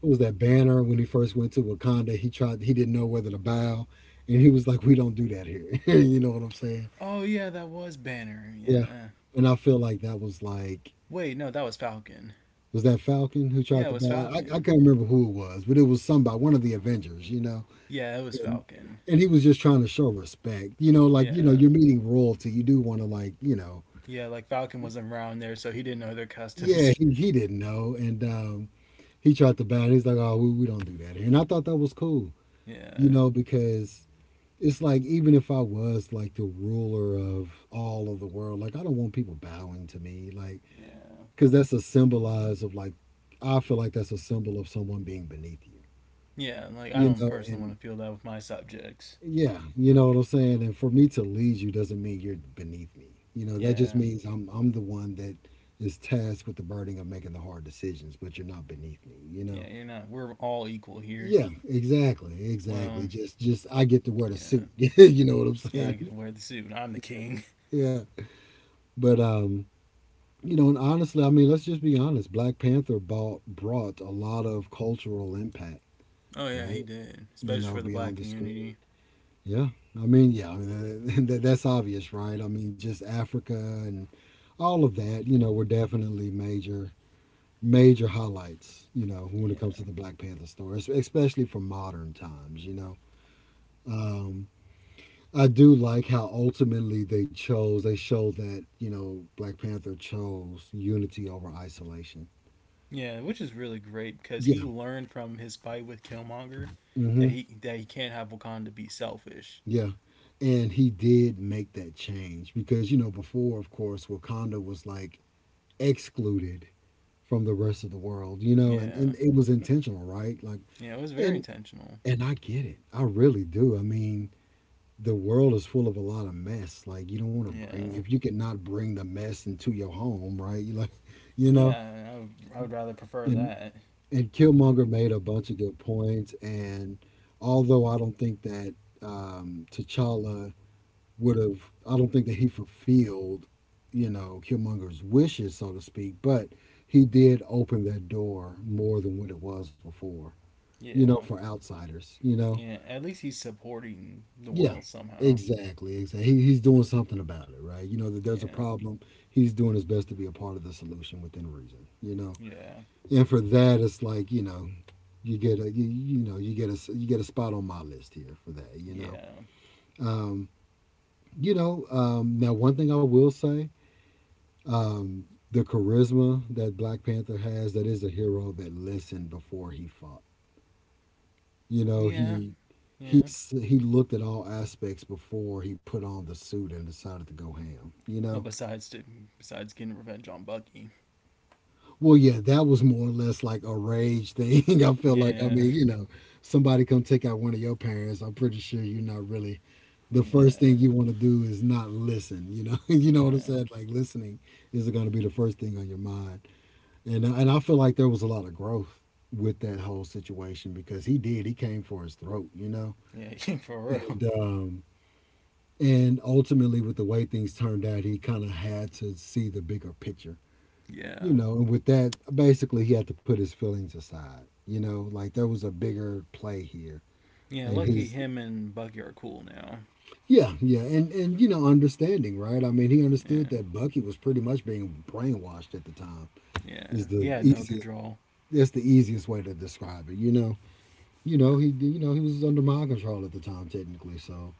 what was that banner when he first went to Wakanda, he didn't know whether to bow, and he was like, "We don't do that here," you know what I'm saying?
Oh yeah, that was Banner.
Yeah,
Yeah.
and I feel like that was like
Wait, no, that was Falcon.
was that Falcon who tried
Yeah, it
to
was
bow? I
Falcon.
can't remember who it was, but it was somebody, one of the Avengers, you know,
Yeah, it was
and
Falcon.
and he was just trying to show respect, you know, like you know
Yeah.
you're meeting royalty, you do want to like you know.
Yeah, like Falcon wasn't around there, so he didn't know their
Yeah,
customs.
he didn't know, and he tried to bat. And he's like, oh, we don't do that here. And I thought that was cool, you
yeah,
know, because it's like even if I was like the ruler of all of the world, like I don't want people bowing to me, like
yeah,
because that's a symbolize of like I feel like that's a symbol of someone being beneath you,
yeah. Like I
you
don't
know,
personally want
and
to feel that with my subjects.
yeah, you know what I'm saying. And for me to lead you doesn't mean you're beneath me, you know. That just
Yeah,
means I'm the one that is tasked with the burden of making the hard decisions, but you're not beneath me, you know.
yeah. You're not. We're all equal here.
Yeah, exactly,
Well,
exactly. Just I get to wear the
yeah,
suit. you know what I'm
yeah. I get
saying?
to wear the suit. I'm the king.
Yeah. But You know, and honestly, I mean, let's just be honest. Black Panther brought a lot of cultural impact,
oh yeah, he
right?
did,
You
especially
know,
for the
beyond
black
the screen.
community.
Yeah. I mean, yeah. I mean, that's obvious, right? I mean, just Africa and all of that. You know, were definitely major, major highlights. You know, when it comes to
Yeah,
the Black Panther story, especially for modern times. Um, I do like how ultimately they chose. They showed that you know Black Panther chose unity over isolation.
yeah. Which is really great because
Yeah.
he learned from his fight with Killmonger that
Hmm.
he can't have Wakanda be selfish.
Yeah. And he did make that change because you know before, of course, Wakanda was like excluded from the rest of the world. You know, and
Yeah,
it was intentional, right? Like,
yeah. It was very
and
intentional.
and I get it. I really do. I mean, the world is full of a lot of mess. Like, you don't want to bring
Yeah.
if you cannot bring the mess into your home, right? You like, you know,
Yeah, I would rather prefer
and
that.
and Killmonger made a bunch of good points. And although I don't think that T'Challa would have, I don't think that he fulfilled, you know, Killmonger's wishes, so to speak, but he did open that door more than what it was before, you know,
Yeah.
for outsiders, you know?
Yeah. At least he's supporting the
Yeah.
world somehow.
Exactly, exactly. He's doing something about it, right? You know that there's a
Yeah.
problem. He's doing his best to be a part of the solution within reason, you know.
Yeah.
And for that, it's like you know you get a spot on my list here for that.
Yeah.
Um, you know. Now, one thing I will say, um, the charisma that Black Panther has, that is a hero that listened before he fought. You know,
Yeah. Yeah.
he looked at all aspects before he put on the suit and decided to go ham. You
Well,
know,
besides to, besides getting revenge on Bucky.
well, yeah, that was more or less like a rage thing. I feel like, I
Yeah.
mean, you know, somebody come take out one of your parents. I'm pretty sure you're not really the first thing
Yeah.
you want to do is not listen. You know, you know what I'm
Yeah.
saying? Like listening is going to be the first thing on your mind. And I feel like there was a lot of growth with that whole situation because he did. He came for his throat. You know,
Yeah. For real.
and um, and ultimately with the way things turned out, he kind of had to see the bigger picture. You
Yeah.
know, and with that, basically he had to put his feelings aside. You know, like there was a bigger play here,
Yeah.
and
Lucky
his
him and Bucky are cool now.
yeah, yeah, and you know, understanding, right? I mean, he understood
Yeah.
that Bucky was pretty much being brainwashed at the time.
Yeah.
Is
He
the
had no
easiest.
control.
That's the easiest way to describe it. He, he was under my control at the time, technically. So,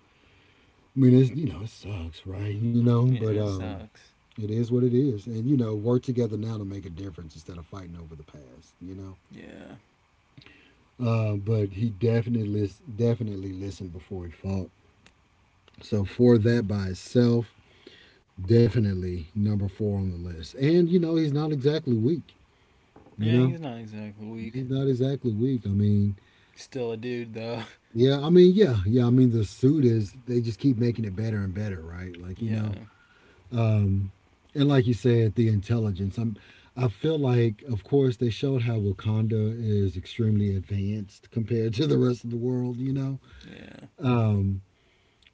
I mean, it's you know, it sucks, right? You know, but
Yeah. It sucks.
it is what it is, and you know, work together now to make a difference instead of fighting over the past.
Yeah.
But he definitely listened before he fought. So for that by itself, definitely number four on the list. And, you know, he's not exactly weak, you
Yeah.
know?
He's not exactly weak.
He's not exactly weak.
Still a dude though.
I mean, yeah, yeah. I mean, they just keep making it better and better, right? Like, you know,
Yeah.
and like you said, the intelligence. I feel like, of course, they showed how Wakanda is extremely advanced compared to the rest of the world, you know?
Yeah.
Um,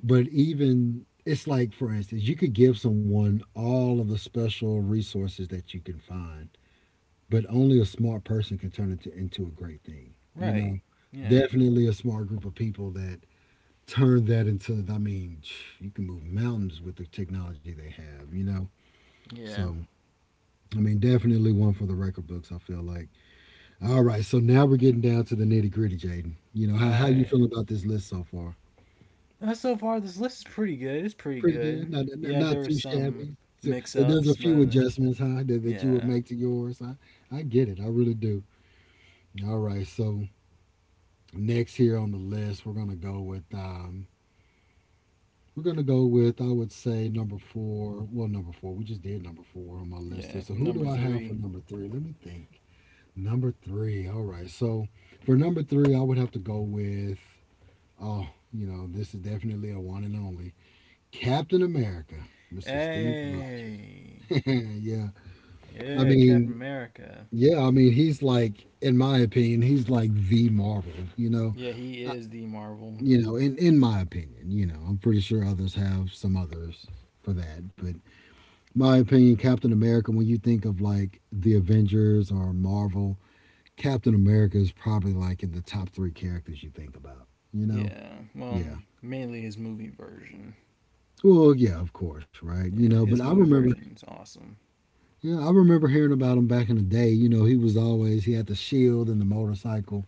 but even, it's like, for instance, you could give someone all of the special resources that you can find but only a smart person can turn into a great thing. You
Right.
know,
Yeah.
definitely a smart group of people that turn that into. I mean, you can move mountains with the technology they have. You know,
Yeah.
so I mean, definitely one for the record books. I feel like. All right, so now we're getting down to the nitty gritty, Jaden. You know,
All
how you
right.
feeling about this list so far?
So far, this list is pretty good. It's pretty
Pretty good.
good. Yeah, there
Not
were
too
some
shabby. So,
mix
there's
ups,
a
but
few adjustments, huh, that you would
yeah.
make to yours. I get it. I really do. All right, so next here on the list, we're gonna go with we're gonna go with I would say number four. Well, number four. We just did number four on my list here.
Yeah,
So who do
number
I have for
three.
number three? Let me think. Number three. All right. So for number three, I would have to go with oh, you know, this is definitely a one and only Captain America, Mr. Steve
Hey!
Rogers. yeah. I
Yeah, Captain
mean,
America.
yeah. I mean, he's like, in my opinion, he's like the Marvel. You know.
Yeah, he is the Marvel.
In my opinion, you know, I'm pretty sure others have some others for that, but my opinion, Captain America. When you think of like the Avengers or Marvel, Captain America is probably like in the top three characters you think about. You know,
Yeah, well,
yeah.
mainly his movie version.
Well, yeah, of course, right? You know,
Yeah,
but I
his movie
remember,
version is awesome.
yeah, I remember hearing about him back in the day. You know, he was always he had the shield and the motorcycle.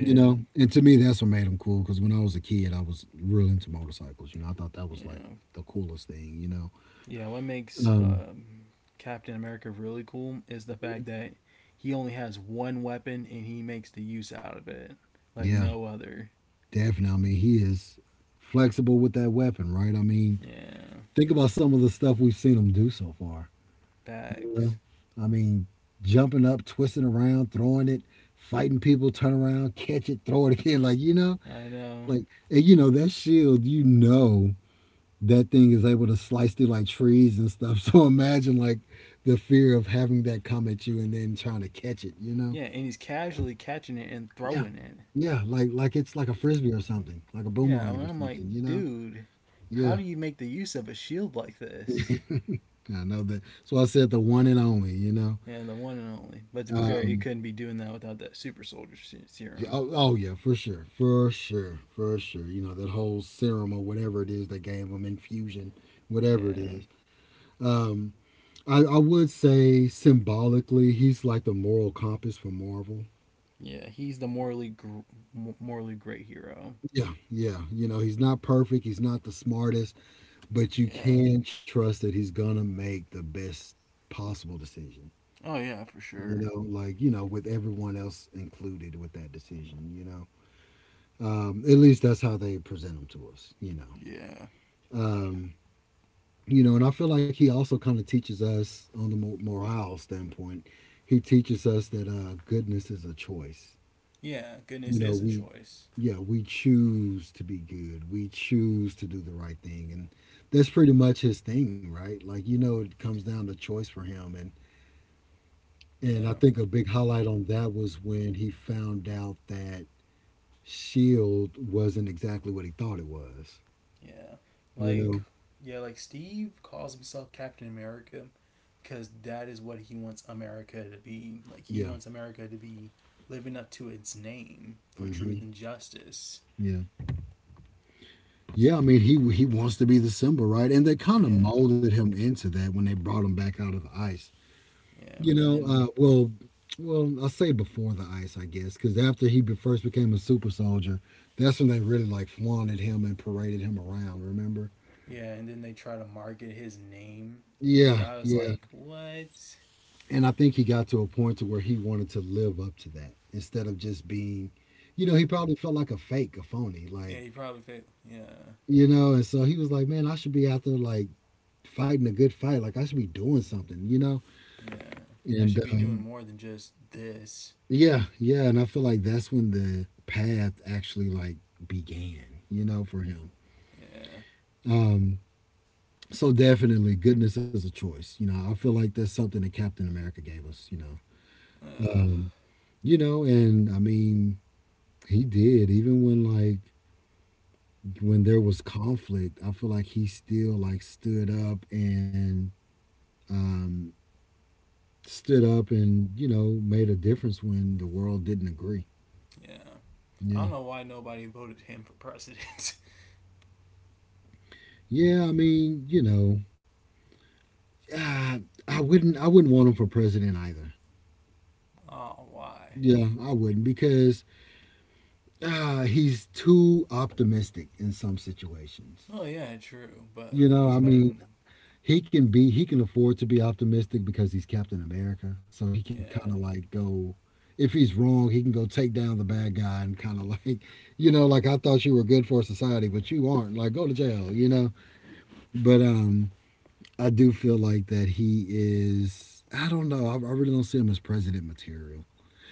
You know, and to me, that's what made him cool, because when I was a kid, I was real into motorcycles. You know, I thought that was like
yeah.
the coolest thing. You know.
Yeah, what makes
Um,
Captain America really cool is the fact that he only has one weapon and he makes the use out of it like
yeah,
no other.
definitely. I mean, he is flexible with that weapon, right? I mean,
Yeah,
think about some of the stuff we've seen him do so far. You
facts.
know? I mean, jumping up, twisting around, throwing it, fighting people, turn around, catch it, throw it again. Like, you know,
I know.
like, and you know, that shield, you know, that thing is able to slice through like trees and stuff. So imagine like the fear of having that come at you and then trying to catch it, you know?
Yeah, and he's casually catching it and
Yeah.
throwing it.
Yeah, like it's like a frisbee or something, like a
Yeah,
boomerang
and
or
I'm like,
something, you know?
dude, how
Yeah,
do you make the use of a shield like this?
I know that. So I said the one and only, you know.
Yeah, the one and only. But to be fair, he
Um,
couldn't be doing that without that super soldier
yeah,
serum.
oh, oh yeah, for sure, for sure, for sure. You know that whole serum or whatever it is they gave them, infusion, whatever it
Yeah,
is. Um, I would say symbolically, he's like the moral compass for Marvel.
yeah, he's the morally gr- morally great hero.
Yeah, yeah. You know, he's not perfect. He's not the smartest, but you
Yeah.
can trust that he's gonna make the best possible decision.
Oh yeah, for
You
sure.
know, like you know, with everyone else included with that decision. You know. At least that's how they present them to us, you know.
Yeah.
Um, you know, and I feel like he also kind of teaches us on the morale standpoint. He teaches us that goodness is a choice.
Yeah,
You
goodness
know,
is a
we,
choice.
yeah, we choose to be good. We choose to do the right thing, and that's pretty much his thing, right? Like you know, it comes down to choice for him, and I
Yeah.
think a big highlight on that was when he found out that Shield wasn't exactly what he thought it was.
Yeah.
You
Like
know,
yeah, like Steve calls himself Captain America because that is what he wants America to be. Like he
yeah,
wants America to be living up to its name for truth
hmm.
and justice.
Yeah. Yeah, I mean he wants to be the symbol, right? And they kind of
Yeah,
molded him into that when they brought him back out of the ice.
yeah,
You
and
know,
then
well, I say before the ice, I guess, because after he first became a super soldier, that's when they really like flaunted him and paraded him around. Remember?
yeah, and then they try to market his name,
Yeah,
which I was
yeah.
like, what?
And I think he got to a point to where he wanted to live up to that instead of just being, you know, he probably felt like a fake, a phony,
Yeah,
like
he probably fit. Yeah,
you know. And so he was like, man, I should be out there like fighting a good fight. Like I should be doing something, you know?
yeah, I
And
should be doing more than just this.
yeah, yeah. And I feel like that's when the path actually like began, you know, for him.
Yeah,
Um, so definitely goodness is a choice. You know, I feel like that's something that Captain America gave us, you know.
uh,
Um, you know, and I mean, he did, even when like when there was conflict, I feel like he still like um stood up and, you know, made a difference when the world didn't agree.
yeah. I
Yeah.
don't know why nobody voted him for president.
Yeah, I mean, you know, uh, I wouldn't want him for president either.
oh, why?
Yeah, I wouldn't because he's too optimistic in some situations.
Oh yeah, true, but
You
like
know,
he's
I
better
mean,
than
he can afford to be optimistic because he's Captain America, so he can
yeah.
kind of like go if he's wrong, he can go take down the bad guy and kind of like, you know, like I thought you were good for society, but you aren't. Like go to jail, you know. But I do feel like that he is. I don't know. I really don't see him as president material.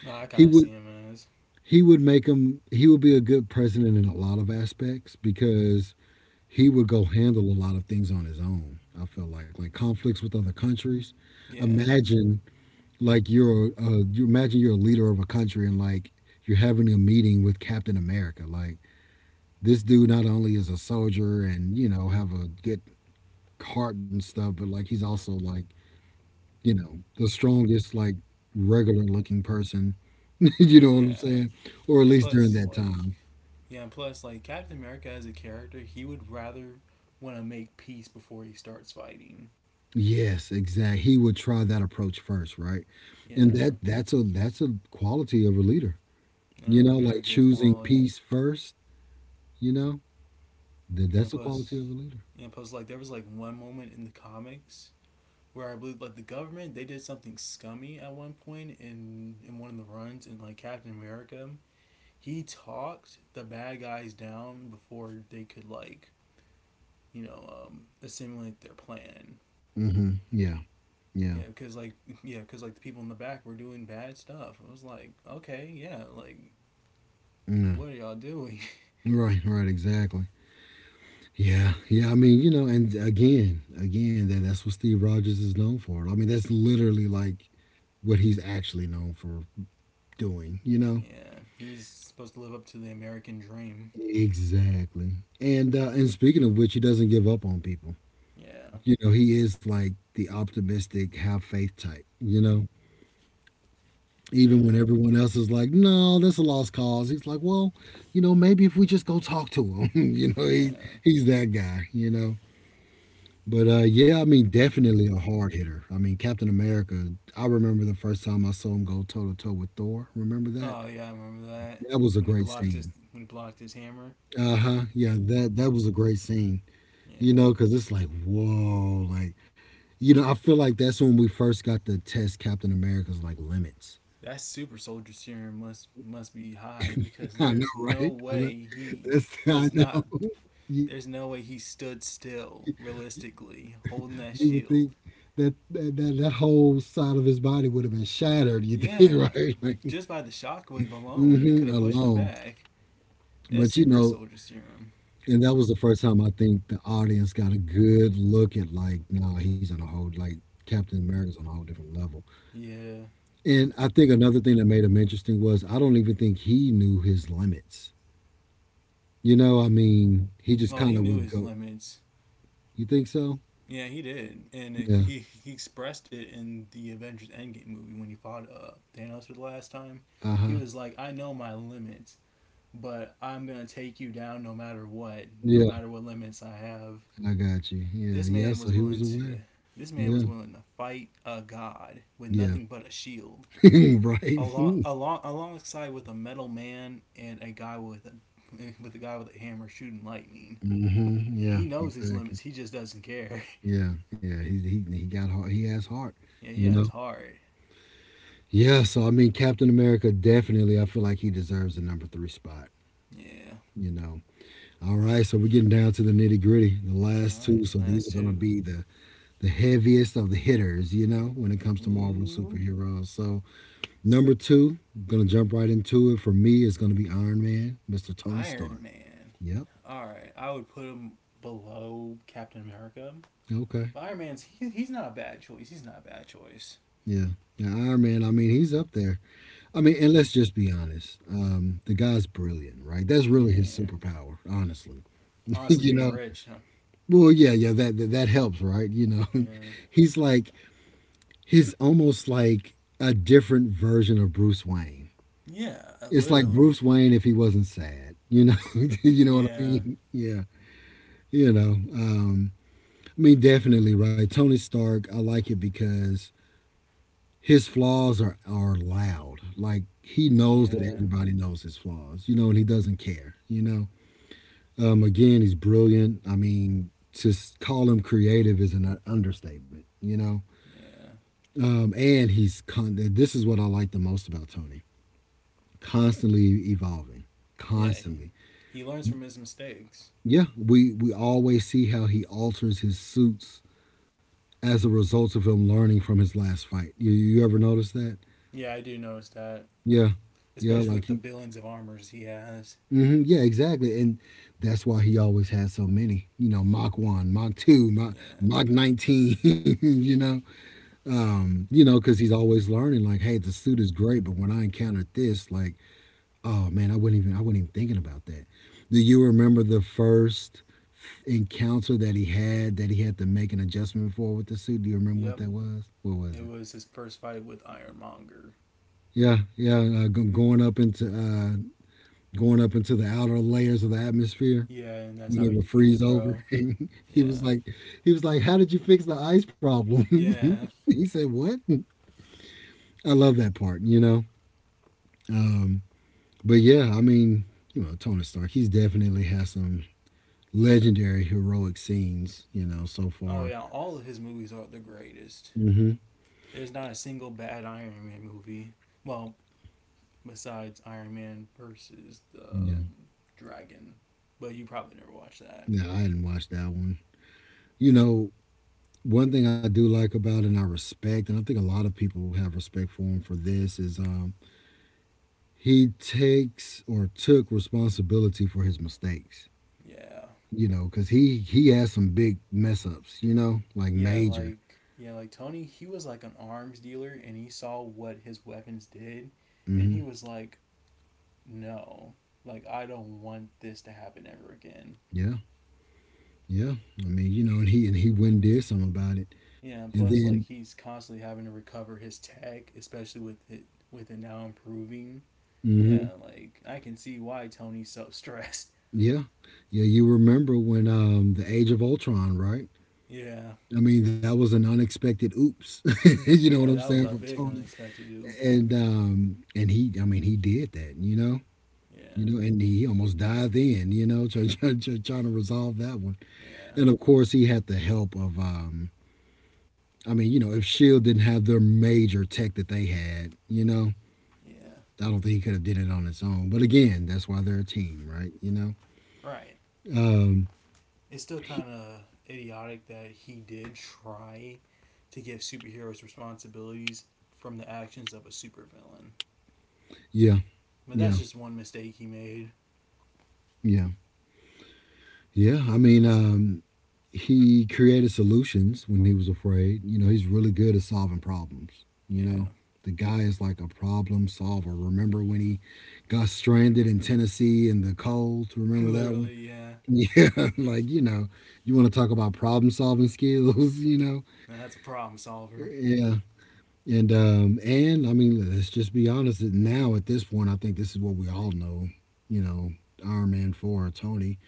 No, I
He
kind of see
would
him as
he would make him. He would be a good president in a lot of aspects because he would go handle a lot of things on his own. I feel like conflicts with other countries.
yeah,
Imagine like you're you imagine you're a leader of a country and like you're having a meeting with Captain America. Like this dude not only is a soldier and you know have a good heart and stuff, but like he's also like you know, the strongest, like, regular looking person. You know what I'm
yeah,
saying? Or at
and
least during
plus
that
like
time.
yeah, and plus like Captain America as a character, he would rather want to make peace before he starts fighting.
Yes, exactly. He would try that approach first, right? And
Yeah,
that's a quality of a leader. You know,
very
like
good
choosing
quality.
peace first, you know?
Yeah,
That's a quality
plus
of a leader.
yeah, plus like there was like one moment in the comics where I believe like the government they did something scummy at one point in one of the runs in like Captain America. He talked the bad guys down before they could like assimilate their plan.
Mhm. Yeah. Yeah.
Yeah, because like yeah, because like the people in the back were doing bad stuff. I was like, okay, yeah, like
Yeah.
what are y'all doing?
Right, right, exactly. Yeah. Yeah, I mean, you know, and again, that's what Steve Rogers is known for. I mean, that's literally like what he's actually known for, doing, you know?
yeah, he's supposed to live up to the American dream.
Exactly. And speaking of which, he doesn't give up on people.
Yeah,
You know, he is like the optimistic, have faith type. You know, even when
yeah,
everyone else is like, "No, that's a lost cause," he's like, "Well, you know, maybe if we just go talk to him." You know,
yeah.
he's that guy. You know. But yeah, I mean, definitely a hard hitter. I mean, Captain America. I remember the first time I saw him go toe to toe with Thor. Remember that?
Oh yeah, I remember that
That was a
when he
great
blocked his
scene.
when he blocked his hammer.
Uh huh. Yeah, that was a great scene. You
Yeah,
know, because it's like, whoa, like, you know, I feel like that's when we first got to test Captain America's like limits.
that super soldier serum must be high because
I know,
there's no
right? I know.
way he
That's, I
was
know.
not.
You,
There's no way he stood still realistically holding that
you would think
shield.
that, that whole side of his body would have been shattered. You
Yeah,
think, right? Like,
just by the shockwave alone, it could
hmm
have pushed him
alone.
back. That
But you
super
know,
soldier serum.
and that was the first time I think the audience got a good look at like, nah, he's on a whole like Captain America's on a whole different level.
Yeah.
And I think another thing that made him interesting was I don't even think he knew his limits. You know, I mean, he just
Well,
kind
he
of
knew
would
his
go.
limits.
You think so?
Yeah, he did, and
Yeah.
he expressed it in the Avengers Endgame movie when he fought Thanos for the last time.
Uh
He
huh.
was like, "I know my limits, but I'm gonna take you down no matter what, no
Yeah.
matter what limits I have."
I got you. Yeah.
This
Yeah.
man
So
was
he
willing
was
to.
aware.
This man
Yeah.
was willing to fight a god with
Yeah.
nothing but a shield along
right.
along alongside with a metal man and a guy with a, with a guy with a hammer shooting lightning.
Mm-hmm. Yeah.
He knows his
Exactly.
limits. He just doesn't care.
Yeah. Yeah. He got heart. He has heart.
yeah,
You
yeah, it's
know.
hard.
Yeah. So I mean, Captain America definitely. I feel like he deserves the number three spot.
Yeah.
You know. All right. So we're getting down to the nitty gritty. The
All
last
right,
two. So these
last
are gonna
two.
be the heaviest of the hitters, you know, when it comes to Marvel
Ooh,
superheroes. So number two, I'm gonna jump right into it. For me, it's gonna be Iron Man, Mr. Tony
Iron
Stark.
Man.
Yep.
All right, I would put him below Captain America.
Okay.
But Iron Man's he's not a bad choice. He's not a bad choice.
Yeah. Yeah, Iron Man, I mean, he's up there. I mean, and let's just be honest. The guy's brilliant, right? That's
Yeah,
really his
yeah.
superpower, honestly.
Honestly,
You
being
know?
rich. Huh?
Well, yeah, yeah, that helps, right? You know.
Yeah.
he's like he's almost like a different version of Bruce Wayne.
Yeah,
It's like
literally.
Bruce Wayne if he wasn't sad. You know, you know what I
Yeah.
mean? Yeah, you know. I mean, definitely right. Tony Stark, I like it because his flaws are loud. Like he knows that
Yeah.
everybody knows his flaws. You know, and he doesn't care. You know. Again, he's brilliant. I mean, to call him creative is an understatement. You know.
Yeah.
And he's this is what I like the most about Tony. Constantly evolving.
Yeah,
Constantly.
he learns from his mistakes.
Yeah, we always see how he alters his suits as a result of him learning from his last fight. You ever notice that?
Yeah, I do notice that,
Yeah, yeah,
especially
like
with the
he.
billions of armors he has.
Hmm, yeah, exactly, and that's why he always has so many. You know, Mach one, Mach two,
Yeah.
Mach 19. You know, you know, because he's always learning. Like, hey, the suit is great, but when I encountered this, like, oh man, I wasn't even thinking about that. Do you remember the first encounter that he had to make an adjustment for with the suit? Do you remember what
Yep.
that was? What was
It
it?
was his first fight with Ironmonger.
Yeah, yeah, going up into the outer layers of the atmosphere
Yeah, and that's
when
how
it
he
would freeze
defeated
over.
Bro.
And
Yeah.
he was like, "How did you fix the ice problem?"
Yeah.
He said, "What?" I love that part, you know. Um, but yeah, I mean, you know, Tony Stark, he's definitely has some legendary heroic scenes, you know, so
Oh
far.
yeah, all of his movies are the greatest.
Hmm.
There's not a single bad Iron Man movie. Well, besides Iron Man versus the
Yeah.
Dragon, but you probably never watched that.
Yeah, I hadn't watched that one. You know, one thing I do like about and I respect, and I think a lot of people have respect for him for this, is he takes or took responsibility for his mistakes.
Yeah.
You know, because he has some big mess ups. You know, like major.
Yeah, like Tony, he was like an arms dealer and he saw what his weapons did and he
Hmm.
was like, "No. Like I don't want this to happen ever again."
Yeah, yeah. I mean, you know, and he went and did something about it,
Yeah, and plus
and
like he's constantly having to recover his tech, especially with it now improving. Yeah,
then.
like I can see why Tony's so stressed.
Yeah. Yeah, you remember when the Age of Ultron, right?
Yeah.
I mean, that was an unexpected oops. you know what
Yeah,
I'm
that was
saying
a
from
big
Tony.
unexpected oops.
And he, I mean, he did that, you know? You
Yeah.
know, and he almost died then, you know, trying to resolve that one.
Yeah.
And of course, he had the help of I mean, you know, if Shield didn't have their major tech that they had, you know,
Yeah.
I don't think he could have did it on his own. But again, that's why they're a team, right? You know.
Right.
Um
It's still
he-
kind of idiotic that he did try to give superheroes responsibilities from the actions of a supervillain.
yeah,
But
yeah,
that's just one mistake he made.
yeah. Yeah, I mean, he created solutions when he was afraid. You know, he's really good at solving problems. You know,
Yeah.
the guy is like a problem solver. Remember when he got stranded in Tennessee in the cold? Remember that one?
Literally, yeah.
Yeah, like, you know, you want to talk about problem solving skills, you know?
Now that's a problem solver.
Yeah. And I mean, let's just be honest, now at this point, I think this is what we all know, you know, Iron Man 4 Tony.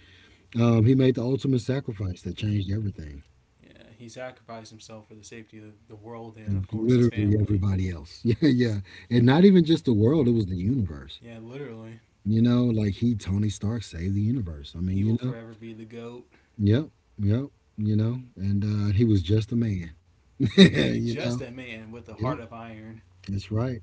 He made the ultimate sacrifice that changed everything.
Yeah, he sacrificed himself for the safety of the world
Of
and, of course, his
literally
family.
everybody else. Yeah, yeah. And not even just the world, it was the universe.
Yeah, literally.
You know, like he Tony Stark saved the universe. I mean,
He
you
will
know.
forever be the GOAT.
Yep. Yep. You know, and he was just a man.
Indeed,
You know.
just a man with a
Yep.
heart of iron.
That's right.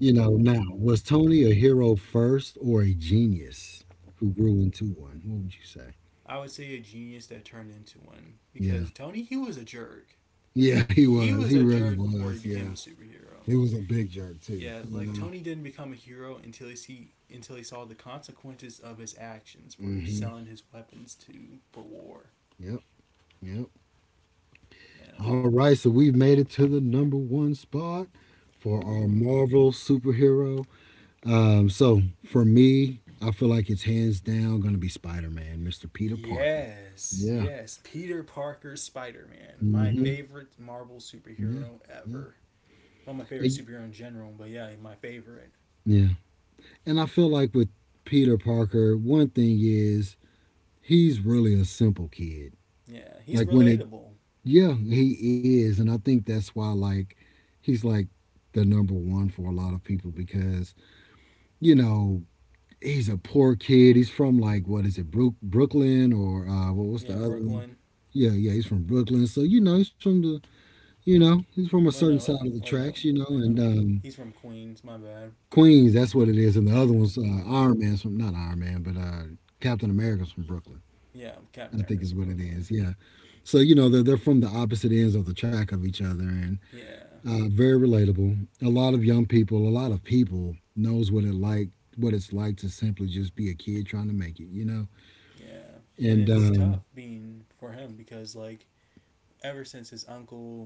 You know, now, was Tony a hero first or a genius who grew into one? What would you say?
I would say a genius that turned into one.
Yeah.
Because Tony, he was a jerk.
Yeah, he
He
was.
was
He
a
really
jerk before he
was.
became a
Yeah.
superhero.
He was a big jerk too,
Yeah, like
you know.
Tony didn't become a hero until he see until he saw the consequences of his actions for
Mhm.
selling his weapons to for war.
Yep. Yep.
Yeah.
All right, so we've made it to the number one spot for our
Ooh.
Marvel superhero. So for me, I feel like it's hands down going to be Spider Man, Mr. Peter Parker.
Yes,
Yeah.
yes. Peter Parker, Spider Man, my
Hmm.
favorite Marvel
Yeah.
superhero
Yeah.
ever. Well, my
And,
favorite
y-
superhero in general, but yeah, my favorite.
yeah. And I feel like with Peter Parker, one thing is he's really a simple kid.
Yeah, he's
Like when it,
relatable.
yeah, he is. And I think that's why, like, he's like the number one for a lot of people because, you know, he's a poor kid. He's from like what is it, Brooklyn or what was
Yeah,
the other one?
Brooklyn.
Yeah, yeah, he's from Brooklyn. So you know, he's from the, you know, he's from a
Wait
certain
no,
side of the
wait no,
tracks, you know,
wait
and
no. He's from Queens. My bad.
Queens. That's what it is. And the other
Yeah,
one's
Queens.
Iron Man's from not Iron Man, but Captain America's from Brooklyn.
Yeah, Captain
I think
America's
is
from
what it
Brooklyn.
is. Yeah. So you know they're from the opposite ends of the track of each other, and
Yeah,
very relatable. A lot of young people, a lot of people knows what it like, what it's like to simply just be a kid trying to make it. You know.
yeah. And
And
it's tough being for him because, like, ever since his uncle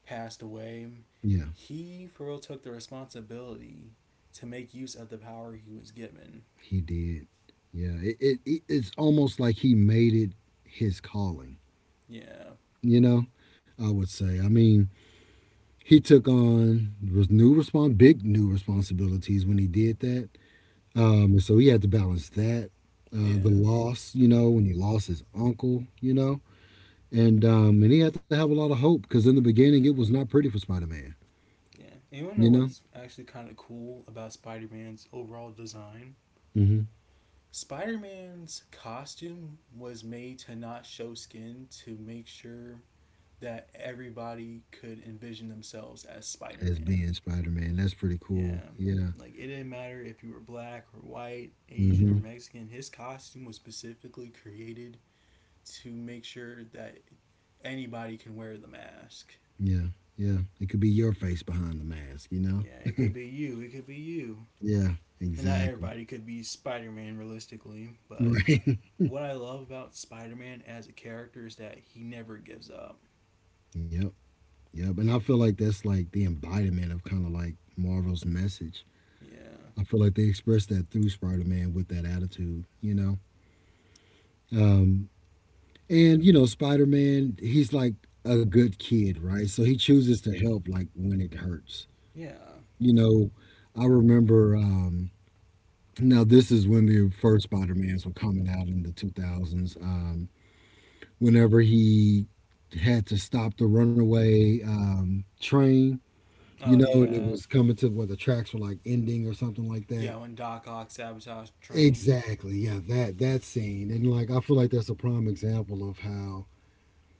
passed away,
yeah,
he for real took the responsibility to make use of the power he was given.
he did. Yeah, it's almost like he made it his calling.
Yeah,
You know, I would say. I mean, he took on was new respons big new responsibilities when he did that. And so he had to balance that, the
yeah,
loss. You know, when he lost his uncle. You know, and he had to have a lot of hope because in the beginning
yeah,
it was not pretty for Spider Man.
yeah. And you want to know
You know.
what's actually kind of cool about Spider Man's overall design?
Hmm.
Spider Man's costume was made to not show skin to make sure that everybody could envision themselves as Spider
As
Man.
being Spider Man, that's pretty cool.
Yeah.
Yeah.
Like it didn't matter if you were black or white, Asian or
Mm-hmm.
Mexican, his costume was specifically created to make sure that anybody can wear the mask.
Yeah, yeah. It could be your face behind the mask, you
Yeah,
know?
it could be you, it could be you.
Yeah,
I mean, not everybody
exactly.
could be Spider Man realistically, but
Right.
what I love about Spider Man as a character is that he never gives up.
Yep, yep. And I feel like that's like the embodiment of kind of like Marvel's message.
Yeah.
I feel like they expressed that through Spider Man with that attitude, you know? Um, and, you know, Spider Man, he's like a good kid, right? So he chooses to help like when it hurts.
Yeah.
You know, I remember, now this is when the first Spider Mans were coming out in the 2000s. Whenever he had to stop the runaway train,
Oh,
you know, and it
yeah.
was coming to where the tracks were like ending or something like
Yeah,
that.
when Doc Ock sabotaged the train.
Exactly. Yeah, that scene. And like I feel like that's a prime example of how,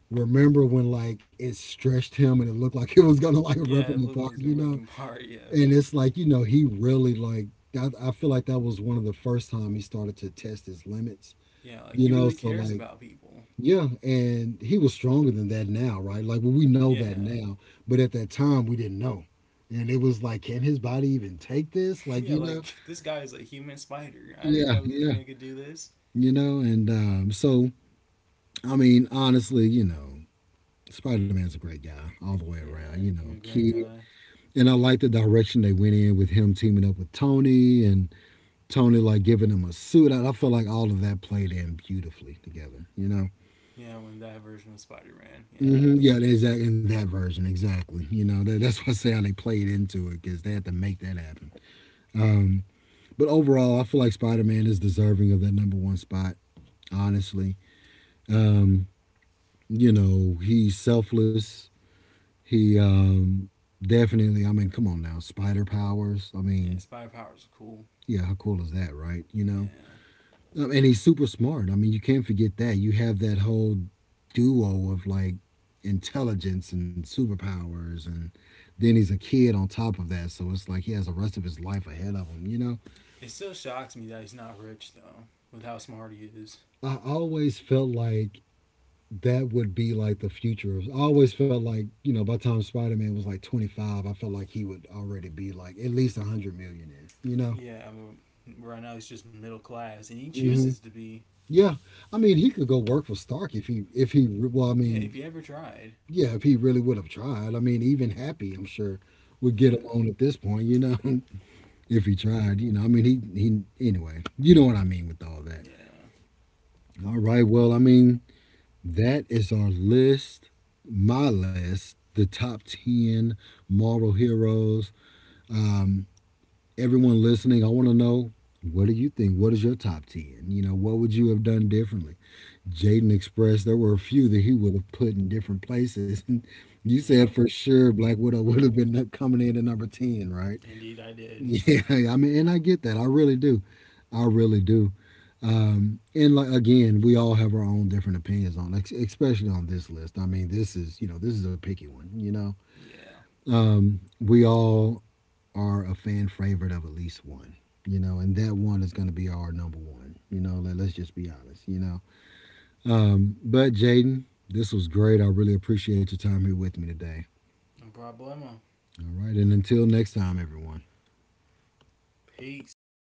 remember when like it stretched him and it looked like it was gonna like rip
Yeah,
him
it looked like it
apart,
was gonna
you
rip him
know?
apart. Yeah,
And it's like, you know, he really like I feel like that was one of the first time he started to test his limits,
yeah, like he
you know?
really
So
cares
like,
about people.
yeah, and he was stronger than that now, right? Like well, we know that
Yeah,
now, but at that time we didn't know, and it was like, can his body even take this? Like
yeah,
you know,
like this guy is a human spider. I didn't
yeah,
know this
yeah,
man could do this.
you know, and so I mean, honestly, you know, Spider Man's a great guy all the way around,
Yeah,
you
you
know,
know, great
kid,
guy.
and I like the direction they went in with him teaming up with Tony, and Tony like giving him a suit. I feel like all of that played in beautifully together, you know.
Yeah, when that version of Spider Man. Yeah,
Hmm. Yeah, exactly. In that version, exactly. You know, that's why I say how they played into it because they had to make that happen. Um, but overall, I feel like Spider Man is deserving of that number one spot. Honestly, um, you know, he's selfless. He definitely. I mean, come on now, spider powers. I
yeah,
mean,
spider powers are cool.
yeah, how cool is that, right? You know.
Yeah,
And he's super smart. I mean, you can't forget that. You have that whole duo of like intelligence and superpowers, and then he's a kid on top of that. So it's like he has the rest of his life ahead of him, you know?
it still shocks me that he's not rich though, with how smart he is.
I always felt like that would be like the future. I always felt like, you know, by the time Spider Man was like 25, I felt like he would already be like at least 100 millionaire, you know?
Yeah, but right now he's just middle class, and he chooses
Hmm.
to be.
Yeah. I mean, he could go work for Stark if he, well, I
Yeah, if he
mean,
ever tried.
yeah, if he really would have tried. I mean, even Happy, I'm sure, would get
Yeah,
him on at this point, you know, if he
yeah,
tried, you know. I mean, he, anyway, you know what I mean with all that.
yeah.
All right, well, I mean, that is our list, my list, the top 10 Marvel heroes. Um, everyone listening, I want to know, what do you think? What is your top 10? You know, what would you have done differently? Jaden Express, there were a few that he would have put in different places. And you said
Yep,
for sure Black Widow would have been coming in at number 10, right?
indeed I did.
Yeah, I mean, and I get that. I really do. I really do. And like again, we all have our own different opinions on, especially on this list. I mean, this is, you know, this is a picky one. You know,
Yeah.
we all are a fan favorite of at least one. You know, and that one is going to be our number one. You know, let's just be honest. You know, but Jaden, this was great. I really appreciate your time here with me today.
I'm Brad Boyman.
All right. And until next time, everyone.
Peace.